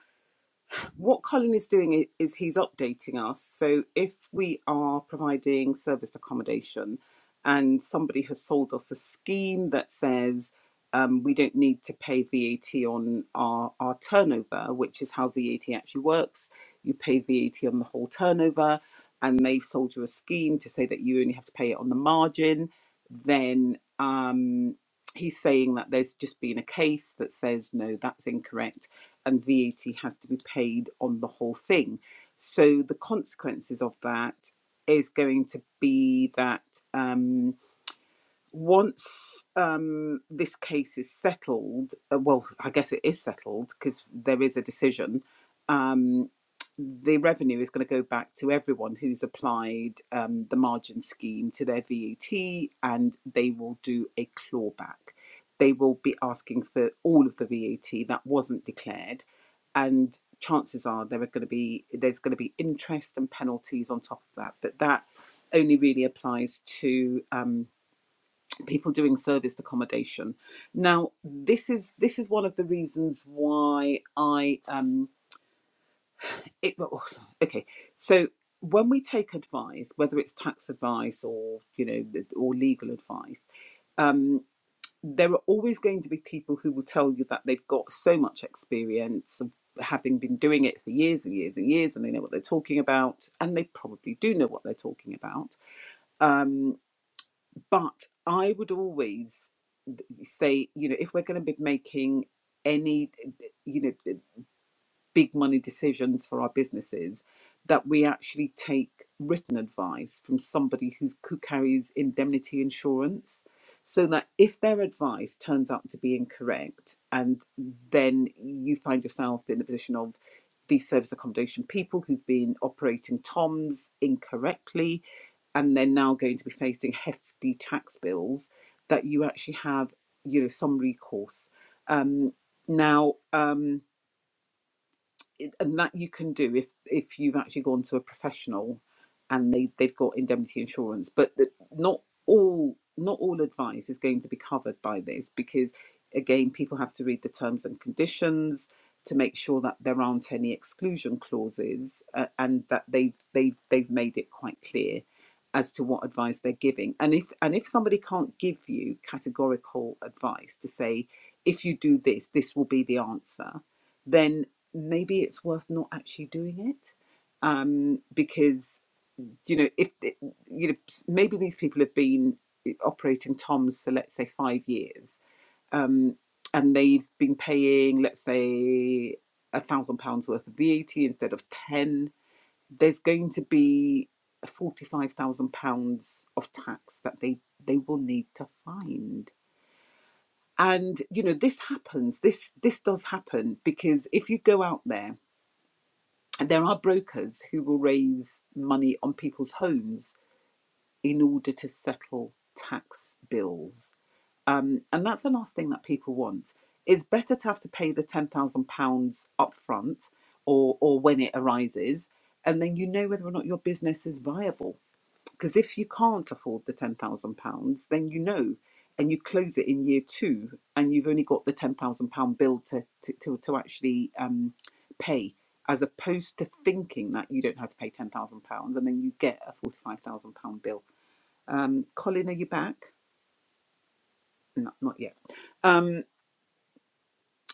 Speaker 2: What Colin is doing is he's updating us. So if we are providing serviced accommodation and somebody has sold us a scheme that says um, we don't need to pay VAT on our, our turnover, which is how VAT actually works, you pay VAT on the whole turnover, and they've sold you a scheme to say that you only have to pay it on the margin, then. Um, he's saying that there's just been a case that says no, that's incorrect, and VAT has to be paid on the whole thing. So the consequences of that is going to be that. Um, once um, this case is settled, uh, well, I guess it is settled because there is a decision. Um, the revenue is going to go back to everyone who's applied um, the margin scheme to their VAT, and they will do a clawback. They will be asking for all of the VAT that wasn't declared, and chances are there are going to be there's going to be interest and penalties on top of that. But that only really applies to. Um, people doing serviced accommodation. Now, this is this is one of the reasons why I um it well, okay. So when we take advice, whether it's tax advice or you know or legal advice, um, there are always going to be people who will tell you that they've got so much experience of having been doing it for years and years and years, and they know what they're talking about, and they probably do know what they're talking about. Um, but I would always say, you know, if we're going to be making any, you know, big money decisions for our businesses that we actually take written advice from somebody who's, who carries indemnity insurance so that if their advice turns out to be incorrect and then you find yourself in the position of these service accommodation people who've been operating toms incorrectly and they're now going to be facing hefty tax bills that you actually have you know some recourse um, now um, it- and that you can do if if you've actually gone to a professional and they they've got indemnity insurance but the, not all not all advice is going to be covered by this because again people have to read the terms and conditions to make sure that there aren't any exclusion clauses uh, and that they've they've they've made it quite clear as to what advice they're giving and if and if somebody can't give you categorical advice to say if you do this this will be the answer then maybe it's worth not actually doing it um, because you know if you know maybe these people have been eh, operating toms for let's say five years um, and they've been paying let's say a thousand pounds worth of vat instead of 10 there's going to be 45,000 pounds of tax that they they will need to find and you know this happens this this does happen because if you go out there there are brokers who will raise money on people's homes in order to settle tax bills. Um, and that's the last thing that people want. It's better to have to pay the £10,000 upfront or, or when it arises, and then you know whether or not your business is viable because if you can't afford the £10,000, then you know, and you close it in year two, and you've only got the £10,000 bill to, to, to, to actually um, pay, as opposed to thinking that you don't have to pay £10,000 and then you get a £45,000 bill. Um, Colin, are you back? No, not yet. Um.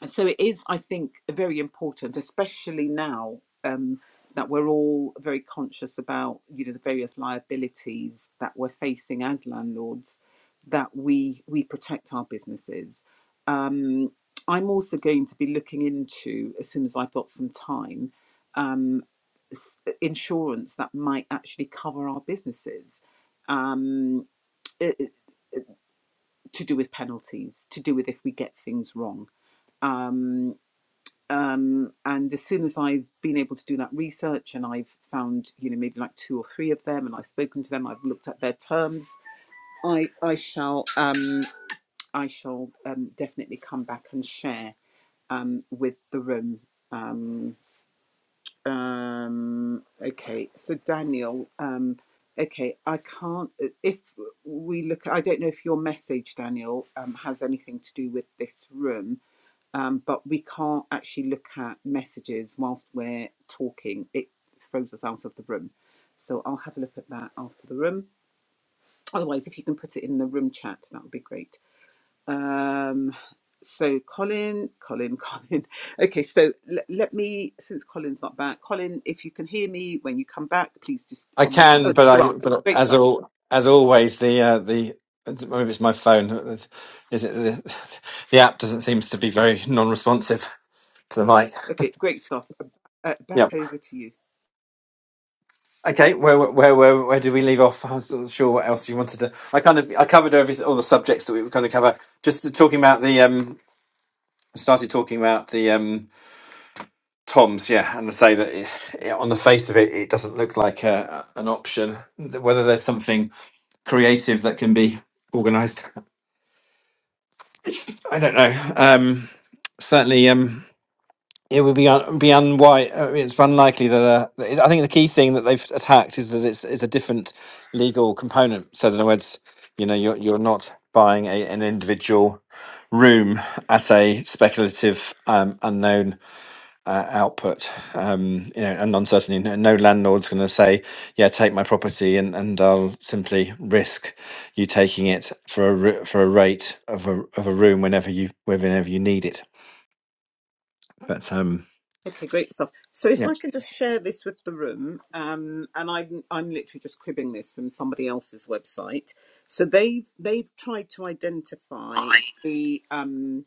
Speaker 2: so it is i think very important especially now um, that we're all very conscious about you know the various liabilities that we're facing as landlords that we we protect our businesses um, i'm also going to be looking into as soon as i've got some time um, s- insurance that might actually cover our businesses um, i- i- to do with penalties to do with if we get things wrong Um, um, and as soon as I've been able to do that research and I've found you know maybe like two or three of them and I've spoken to them I've looked at their terms I I shall um, I shall um, definitely come back and share um, with the room um, um, okay so Daniel um, okay I can't if we look I don't know if your message Daniel um, has anything to do with this room um, but we can't actually look at messages whilst we're talking. It throws us out of the room. So I'll have a look at that after the room. Otherwise, if you can put it in the room chat, that would be great. Um, so Colin, Colin, Colin. Okay, so l- let me, since Colin's not back, Colin, if you can hear me when you come back, please just,
Speaker 1: I
Speaker 2: um, oh,
Speaker 1: can, but
Speaker 2: you
Speaker 1: I
Speaker 2: are.
Speaker 1: but
Speaker 2: Great
Speaker 1: as
Speaker 2: stuff.
Speaker 1: all as always the uh, the maybe it's my phone. Is is it the, the app doesn't seem to be very non-responsive to the mic.
Speaker 2: Okay, great stuff. Uh, back
Speaker 1: Yep.
Speaker 2: over to you.
Speaker 1: Okay. Where where where where do we leave off? I wasn't sure what else you wanted to. I kind of I covered everything, all the subjects that we were going to cover. Just the, talking about the um. Started talking about the um toms, yeah, and I say that it, it- on the face of it, it doesn't look like a, an option. Whether there's something creative that can be organised. I don't know. Um, certainly, um, it would be un- be unwi- uh, It's unlikely that. Uh, that- I think the key thing that they've attacked is that it's it's a different legal component. So, in other words, you know, you're you're not buying a, an individual room at a speculative, um, unknown uh, output. Um, you know, and uncertainty. No, no landlord's going to say, "Yeah, take my property," and, and I'll simply risk you taking it for a r- for a rate of a of a room whenever you whenever you need it. But um,
Speaker 2: Okay, great stuff. So if
Speaker 1: yeah,
Speaker 2: I can just share this with the room, um, and I'm I'm literally just cribbing this from somebody else's website. So they've they've tried to identify the um,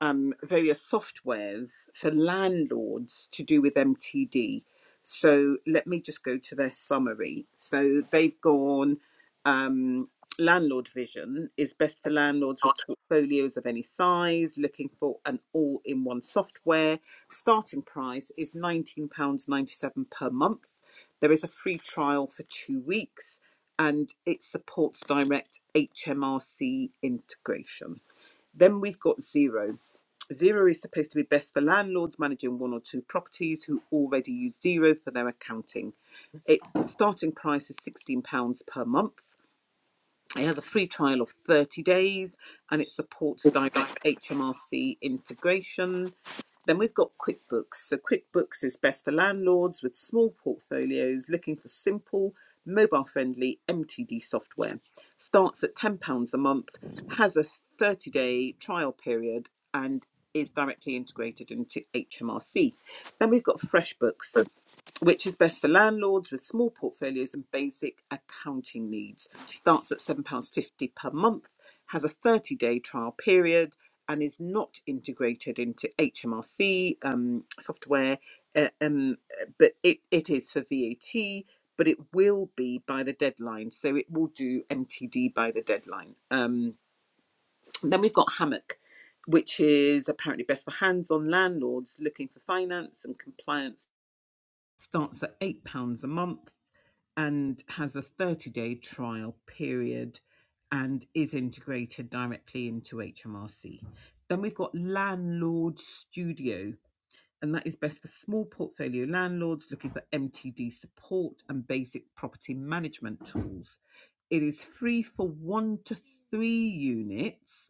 Speaker 2: um, various softwares for landlords to do with MTD. So let me just go to their summary. So they've gone um, landlord vision is best for landlords with portfolios of any size, looking for an all in one software. Starting price is £19.97 per month. There is a free trial for two weeks and it supports direct HMRC integration. Then we've got zero. Zero is supposed to be best for landlords managing one or two properties who already use zero for their accounting. Its starting price is £16 per month. It has a free trial of 30 days and it supports direct HMRC integration. Then we've got QuickBooks. So, QuickBooks is best for landlords with small portfolios looking for simple, mobile friendly MTD software. Starts at £10 a month, has a 30 day trial period, and is directly integrated into HMRC. Then we've got FreshBooks which is best for landlords with small portfolios and basic accounting needs. Starts at £7.50 per month, has a 30 day trial period, and is not integrated into HMRC um, software. uh, um, but it, it is for VAT, but it will be by the deadline. So it will do MTD by the deadline. Um, then we've got Hammock. Which is apparently best for hands on landlords looking for finance and compliance starts at £8 a month and has a 30 day trial period and is integrated directly into HMRC. Then we've got Landlord Studio, and that is best for small portfolio landlords looking for MTD support and basic property management tools. It is free for one to three units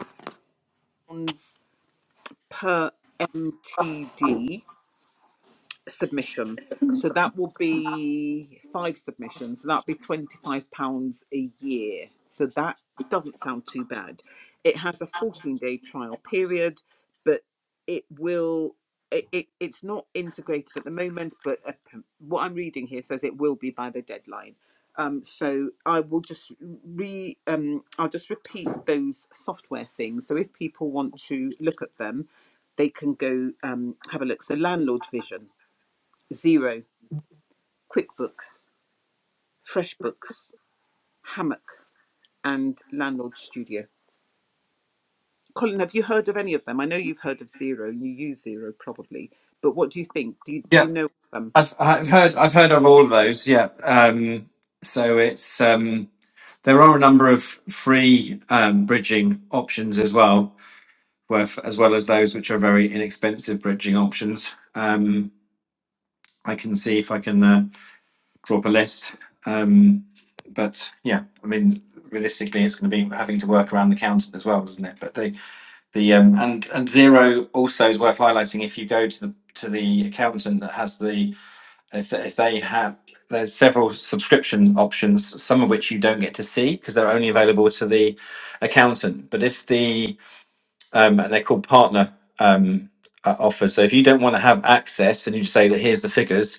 Speaker 2: per MTD submission. So that will be five submissions. So that'll be £25 a year. So that doesn't sound too bad. It has a 14 day trial period, but it will. It, it, it's not integrated at the moment, but uh, what I'm reading here says it will be by the deadline. Um, so I will just re um, I'll just repeat those software things. So if people want to look at them, they can go um, have a look. So landlord vision. Zero, QuickBooks, FreshBooks, Hammock, and Landlord Studio. Colin, have you heard of any of them? I know you've heard of Zero. You use Zero probably, but what do you think? Do you, do
Speaker 1: Yeah,
Speaker 2: you know of them?
Speaker 1: I've I've heard I've heard of all of those. Yeah, um, so it's um, there are a number of free um, bridging options as well, worth as well as those which are very inexpensive bridging options. Um, I can see if I can. uh, draw up a list. Um, but yeah, I mean, realistically, it's going to be having to work around the accountant as well, isn't it? But the the um, and and zero also is worth highlighting. If you go to the to the accountant that has the if if they have there's several subscription options, some of which you don't get to see because they're only available to the accountant. But if the um, and they're called partner um, uh, offers. So if you don't want to have access and you say that here's the figures,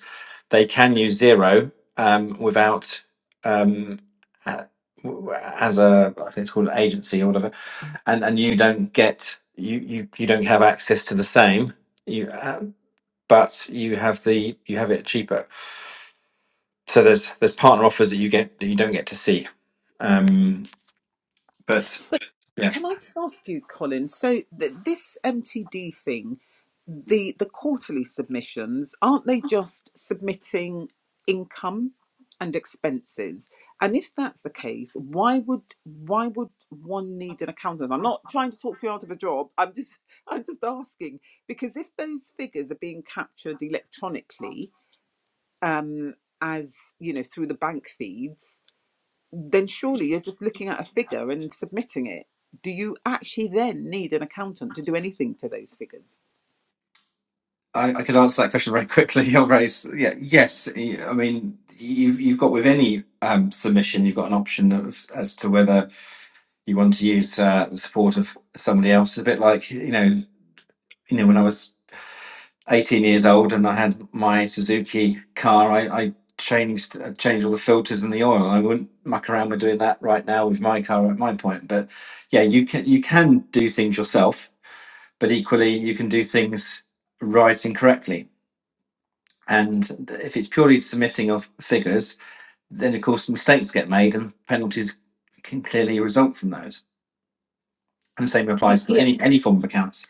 Speaker 1: they can use zero um, without um, a- w- as a I think it's called an agency or whatever, and and you don't get you you you don't have access to the same. You uh, but you have the you have it cheaper. So there's there's partner offers that you get that you don't get to see. Um, but yeah.
Speaker 2: Can I just ask you, Colin? So th- this MTD thing, the the quarterly submissions, aren't they just submitting income and expenses? And if that's the case, why would why would one need an accountant? I'm not trying to talk you out of a job. I'm just I'm just asking because if those figures are being captured electronically, um, as you know, through the bank feeds then surely you're just looking at a figure and submitting it. Do you actually then need an accountant to do anything to those figures?
Speaker 1: I, I could answer that question very quickly. Or very s- yeah, yes. y- I mean, you've you've got with any um, submission, you've got an option of as to whether you want to use uh, the support of somebody else. a bit like you know, you know, when I was eighteen years old and I had my Suzuki car, I, I changed I changed all the filters and the oil. I wouldn't muck around with doing that right now with my car at my point. But yeah, you can you can do things yourself, but equally you can do things right and correctly and if it's purely submitting of figures, then of course mistakes get made and penalties can clearly result from those. And the same
Speaker 2: Y-
Speaker 1: applies to
Speaker 2: yeah.
Speaker 1: any, any form of accounts.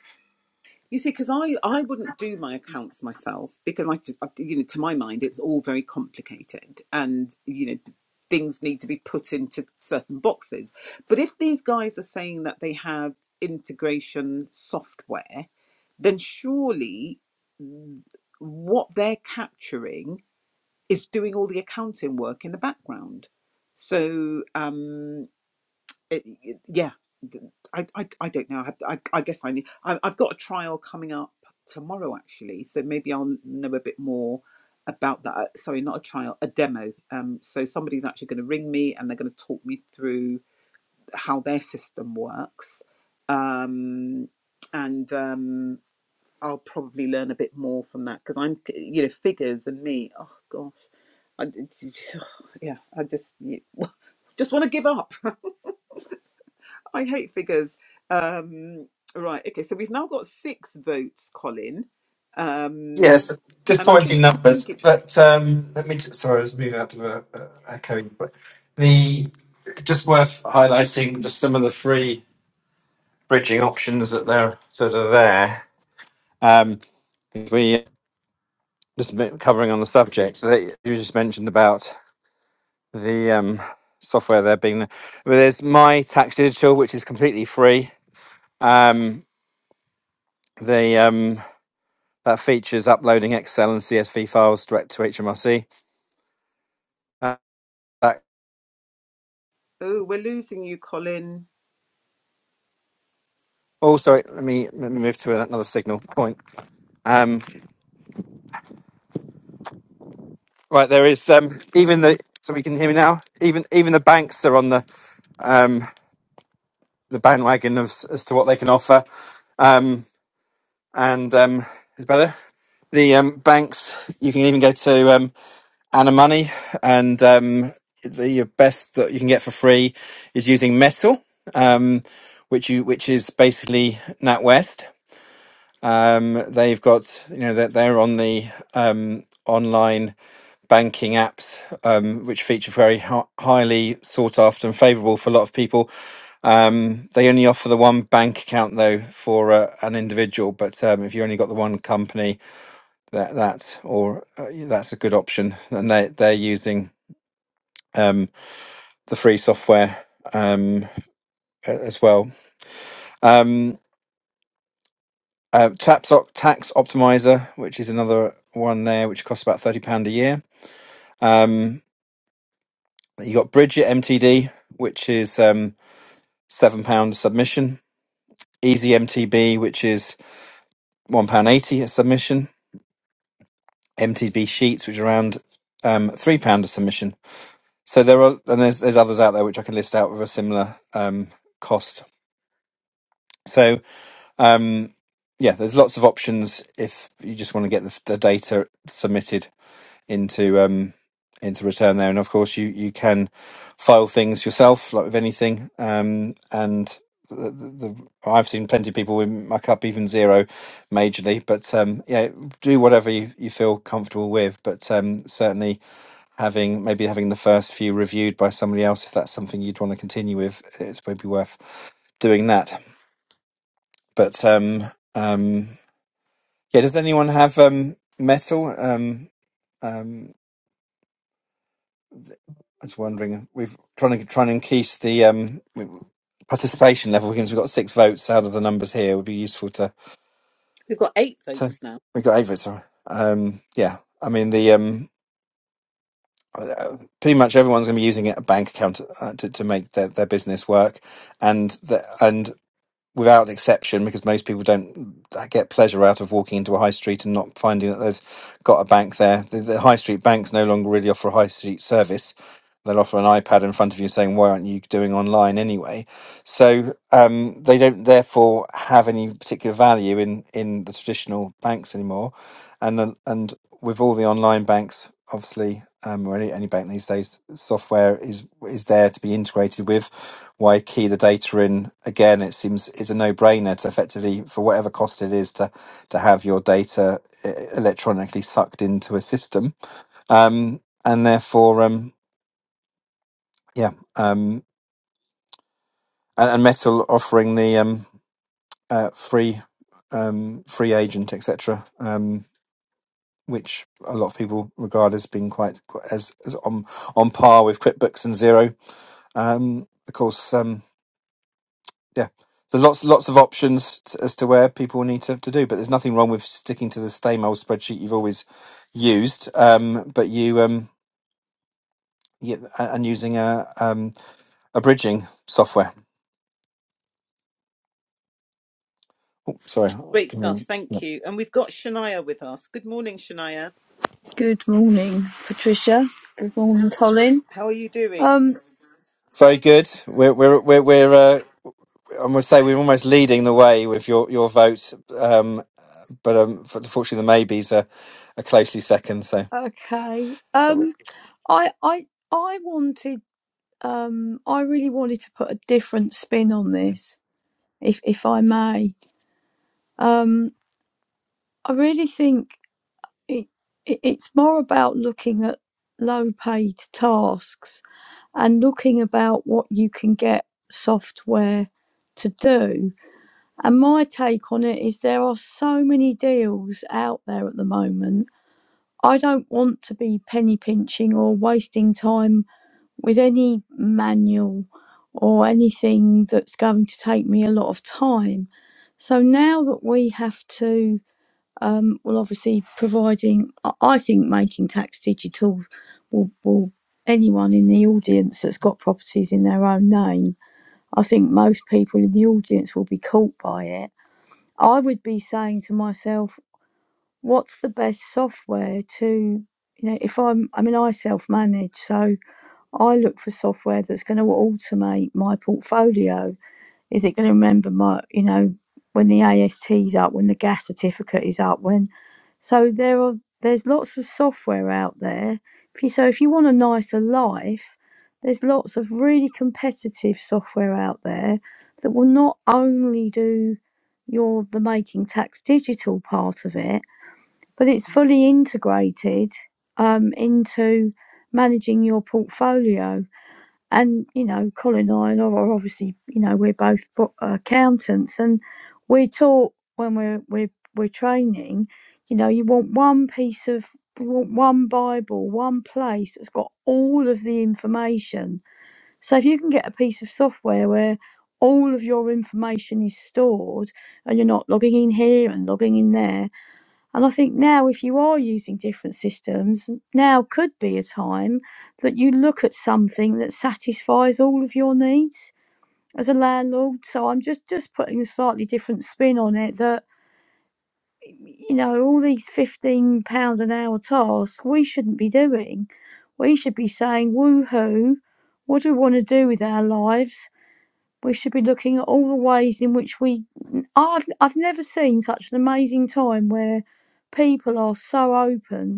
Speaker 2: You see, because I, I wouldn't do my accounts myself because I, just- I- you know, to my mind, it's all very complicated and, you know, things need to be put into certain boxes. But if these guys are saying that they have integration software, then surely what they're capturing is doing all the accounting work in the background. So um, it, it- yeah, I, I I don't know. I I, I guess I need. I, I've got a trial coming up tomorrow actually, so maybe I'll know a bit more about that. Uh, Sorry, not a trial, a demo. Um, so somebody's actually going to ring me and they're going to talk me through how their system works, um, and um, I'll probably learn a bit more from that because I'm you know figures and me. Oh gosh I, yeah, I just just want to give up. I hate figures. Um, right. Okay. So we've now got six votes, Colin. Um,
Speaker 1: Yes,
Speaker 2: and I
Speaker 1: disappointing
Speaker 2: think I think
Speaker 1: numbers,
Speaker 2: it's
Speaker 1: but um, let me just, sorry, I was moving out to a, a echoing, but the just worth highlighting just some of the free bridging options that they're that are there. Um, we just a bit covering on the subject. So that you just mentioned about. the um, software they're being. Well, there's My Tax Digital, which is completely free. Um, the um, that features uploading Excel and CSV files direct to HMRC. Uh, that,
Speaker 2: oh we're losing you, Colin.
Speaker 1: oh, sorry. Let me let me move to another signal point. Um, right, there is um, even the so we can hear me now. Even even the banks are on the um, the bandwagon of, as to what they can offer. Um, and um, is it better. The um, banks you can even go to. Um, Anna Money, and um, the best that you can get for free is using Metal, um, which you which is basically NatWest. Um, they've got you know that they're, they're on the um, online banking apps, um, which feature very hi- highly sought after and favourable for a lot of people. Um, they only offer the one bank account though for uh, an individual, but um, if you only got the one company, that that or uh, that's a good option, and they they're using um, the free software um, as well. Um, uh, Tax, Optimizer, which is another one there, which costs about thirty pound a year. Um, you got Bridget MTD, which is um, seven pound submission. Easy MTB, which is one pound eighty a submission. MTB Sheets, which is around um, three pound a submission. So there are, and there's there's others out there which I can list out with a similar um, cost. So Um, yeah, there's lots of options if you just want to get the, the data submitted into um, into return there, and of course you you can file things yourself, like with anything. Um, and the, the, the, I've seen plenty of people who muck up even zero, majorly. But um, yeah, do whatever you, you feel comfortable with. But um, certainly having maybe having the first few reviewed by somebody else, if that's something you'd want to continue with, it's maybe worth doing that. But um, um, yeah, does anyone have um, metal? Um, um, th- I was wondering. We've trying to trying to increase the um, participation level because we've got six votes out of the numbers here. It would be useful to
Speaker 2: We've got eight
Speaker 1: to
Speaker 2: votes now.
Speaker 1: we got eight votes. Sorry. Um, yeah, I mean the um, uh, pretty much everyone's going to be using a bank account uh, to to make their, their business work, and the, and without exception, because most people don't uh, get pleasure out of walking into a high street and not finding that they've got a bank there. The, the high street banks no longer really offer a high street service. They'll offer an iPad in front of you saying, Why aren't you doing online anyway? So um, they don't therefore have any particular value in, in the traditional banks anymore. And, then- and with all the online banks, obviously, um, or any, any bank these days, software is is there to be integrated with why key the data in again it seems is a no-brainer to effectively for whatever cost it is to to have your data e- electronically sucked into a system um and therefore um yeah um and, and metal offering the um uh, free um free agent etc um which a lot of people regard as being quite quite- as, as on on par with QuickBooks and Zero. Um, of course, um, yeah. So lots lots of options t as to where people need to, to do, but there's nothing wrong with sticking to the same old spreadsheet you've always used, um, but you um, yeah, a- and using a um, a bridging software. Sorry,
Speaker 2: Great stuff.
Speaker 1: Mm, yeah.
Speaker 2: Thank you. And we've got Shania with us. Good morning, Shania.
Speaker 3: Good morning, Patricia. Good morning, Colin.
Speaker 2: How are you doing?
Speaker 3: Um,
Speaker 1: very good. We're we're we're, we're uh, I'm going to say we're almost leading the way with your your vote, um, but um, f- unfortunately the maybes are, are closely second. So.
Speaker 3: okay. Um, I, I, I wanted, um, I really wanted to put a different spin on this, if, if I may. Um, I really think it, it, it's more about looking at low paid tasks and looking about what you can get software to do. And my take on it is there are so many deals out there at the moment I don't want to be penny pinching or wasting time with any manual or anything that's going to take me a lot of time. So now that we have to, um, well, obviously providing, I I think making tax digital will, will anyone in the audience that's got properties in their own name, I think most people in the audience will be caught by it. I would be saying to myself, what's the best software to you know if i'm i mean i self manage so i look for software that's going to automate my portfolio is it going to remember my you know when the ast is up when the gas certificate is up when so there are there's lots of software out there if you, so if you want a nicer life there's lots of really competitive software out there that will not only do your the making tax digital part of it but it's fully integrated um, into managing your portfolio. And you know, Colin and I are obviously you know we're both accountants, and we're taught when we're we're we're training, you know, you want one piece of you want one Bible, one place that's got all of the information. So if you can get a piece of software where all of your information is stored and you're not logging in here and logging in there and I think now, if you are using different systems, now could be a time that you look at something that satisfies all of your needs as a landlord. So I'm just just putting a slightly different spin on it that you know all these fifteen pound an hour tasks we shouldn't be doing. We should be saying, "Woohoo! What do we want to do with our lives?" We should be looking at all the ways in which we. I've I've never seen such an amazing time where people are so open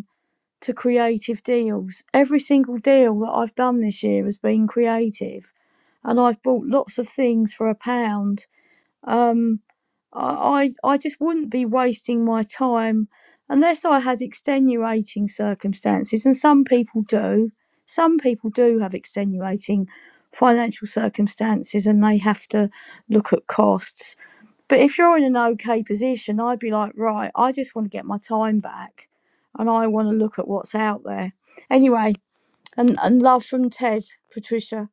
Speaker 3: to creative deals. Every single deal that I've done this year has been creative, and I've bought lots of things for a pound. Um, I, I I just wouldn't be wasting my time unless I had extenuating circumstances, and some people do. Some people do have extenuating financial circumstances, and they have to look at costs. But if you're in an okay position, I'd be like, right, I just want to get my time back and I want to look at what's out there. Anyway, and, and love from Ted, Patricia.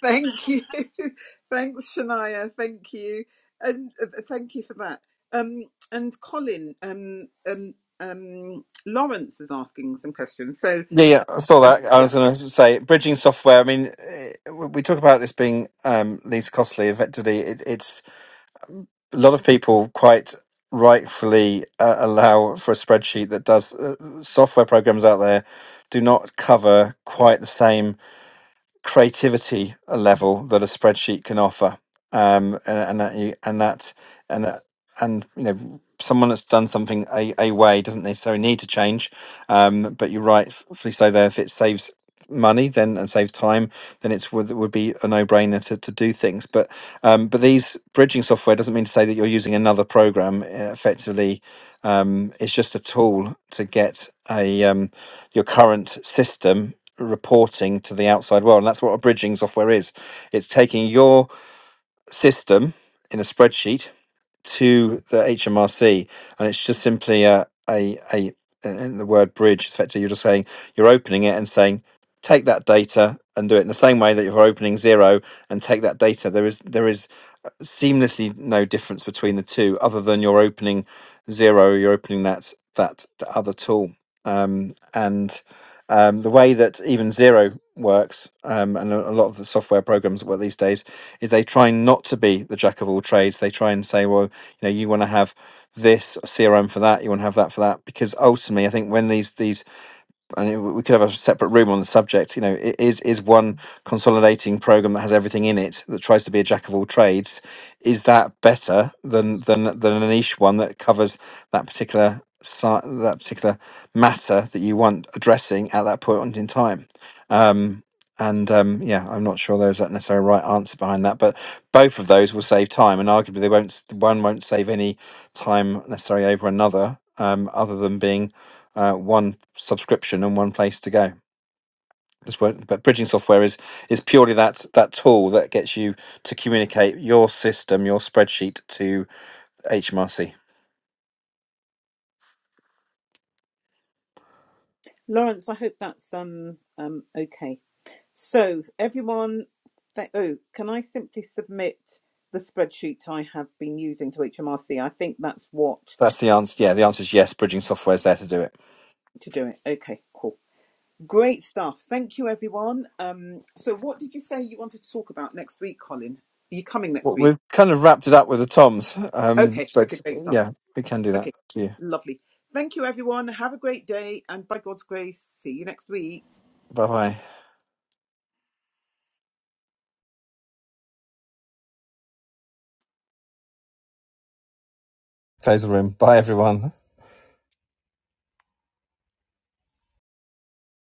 Speaker 2: Thank you. Thanks, Shania. Thank you. And uh, thank you for that. Um, and Colin, um, um, um, Lawrence is asking some questions. So,
Speaker 1: Yeah, yeah, I saw
Speaker 2: uh,
Speaker 1: that. I
Speaker 2: yeah.
Speaker 1: was going to say bridging software. I mean, eh, we we talk about this being um, least costly. Effectively, it, it's a lot of people quite rightfully uh, allow for a spreadsheet that does uh, software programs out there do not cover quite the same. creativity level that a spreadsheet can offer, um, and, and that you, and that and that- and you know someone that's done something a, a way doesn't necessarily need to change. Um, but you're right, rightfully so there. If it saves money then and saves time, then it's would would be a no brainer to, to do things. But um, but these bridging software doesn't mean to say that you're using another program. uh, Effectively, um, it's just a tool to get a um, your current system reporting to the outside world. And that's what a bridging software is. It's taking your system in a spreadsheet to the HMRC, and it's just simply a a a in the word bridge. is Effectively, you're just saying you're opening it and saying take that data and do it in the same way that you're opening zero and take that data. There is there is uh, seamlessly no difference between the two, other than you're opening zero, you're opening that that the other tool, um, and um, the way that even zero works, um, and a a lot of the software programs that work these days, is they try not to be the jack of all trades. They try and say, well, you know, you want to have this CRM for that, you want to have that for that, because ultimately, I think when these these I mean, we could have a separate room on the subject. You know, i- is is one consolidating program that has everything in it that tries to be a jack of all trades? Is that better than than than a niche one that covers that particular si- that particular matter that you want addressing at that point in time? Um, and um, yeah, I'm not sure there's a necessarily right answer behind that, but both of those will save time, and arguably they won't. s- One won't save any time necessarily over another, um, other than being uh, one subscription and one place to go. That's what, but bridging software is is purely that that tool that gets you to communicate your system, your spreadsheet to HMRC.
Speaker 2: Lawrence, I hope that's um, um, okay. So, everyone, th- oh, can I simply submit the spreadsheet I have been using to HMRC? I think that's what
Speaker 1: That's the answer. Yeah, the answer is yes. Bridging software is there to do it.
Speaker 2: to do it. Okay, cool. Great stuff. Thank you, everyone. Um, so, what did you say you wanted to talk about next week, Colin? Are you coming next
Speaker 1: Well,
Speaker 2: week?
Speaker 1: we've kind of wrapped it up with the toms, um,
Speaker 2: Okay,
Speaker 1: but
Speaker 2: okay, great stuff.
Speaker 1: yeah, we can do
Speaker 2: Okay,
Speaker 1: that. See you.
Speaker 2: lovely. Thank you, everyone. Have a great day, and by God's grace, see you next week.
Speaker 1: Bye bye. Close the room. Bye everyone.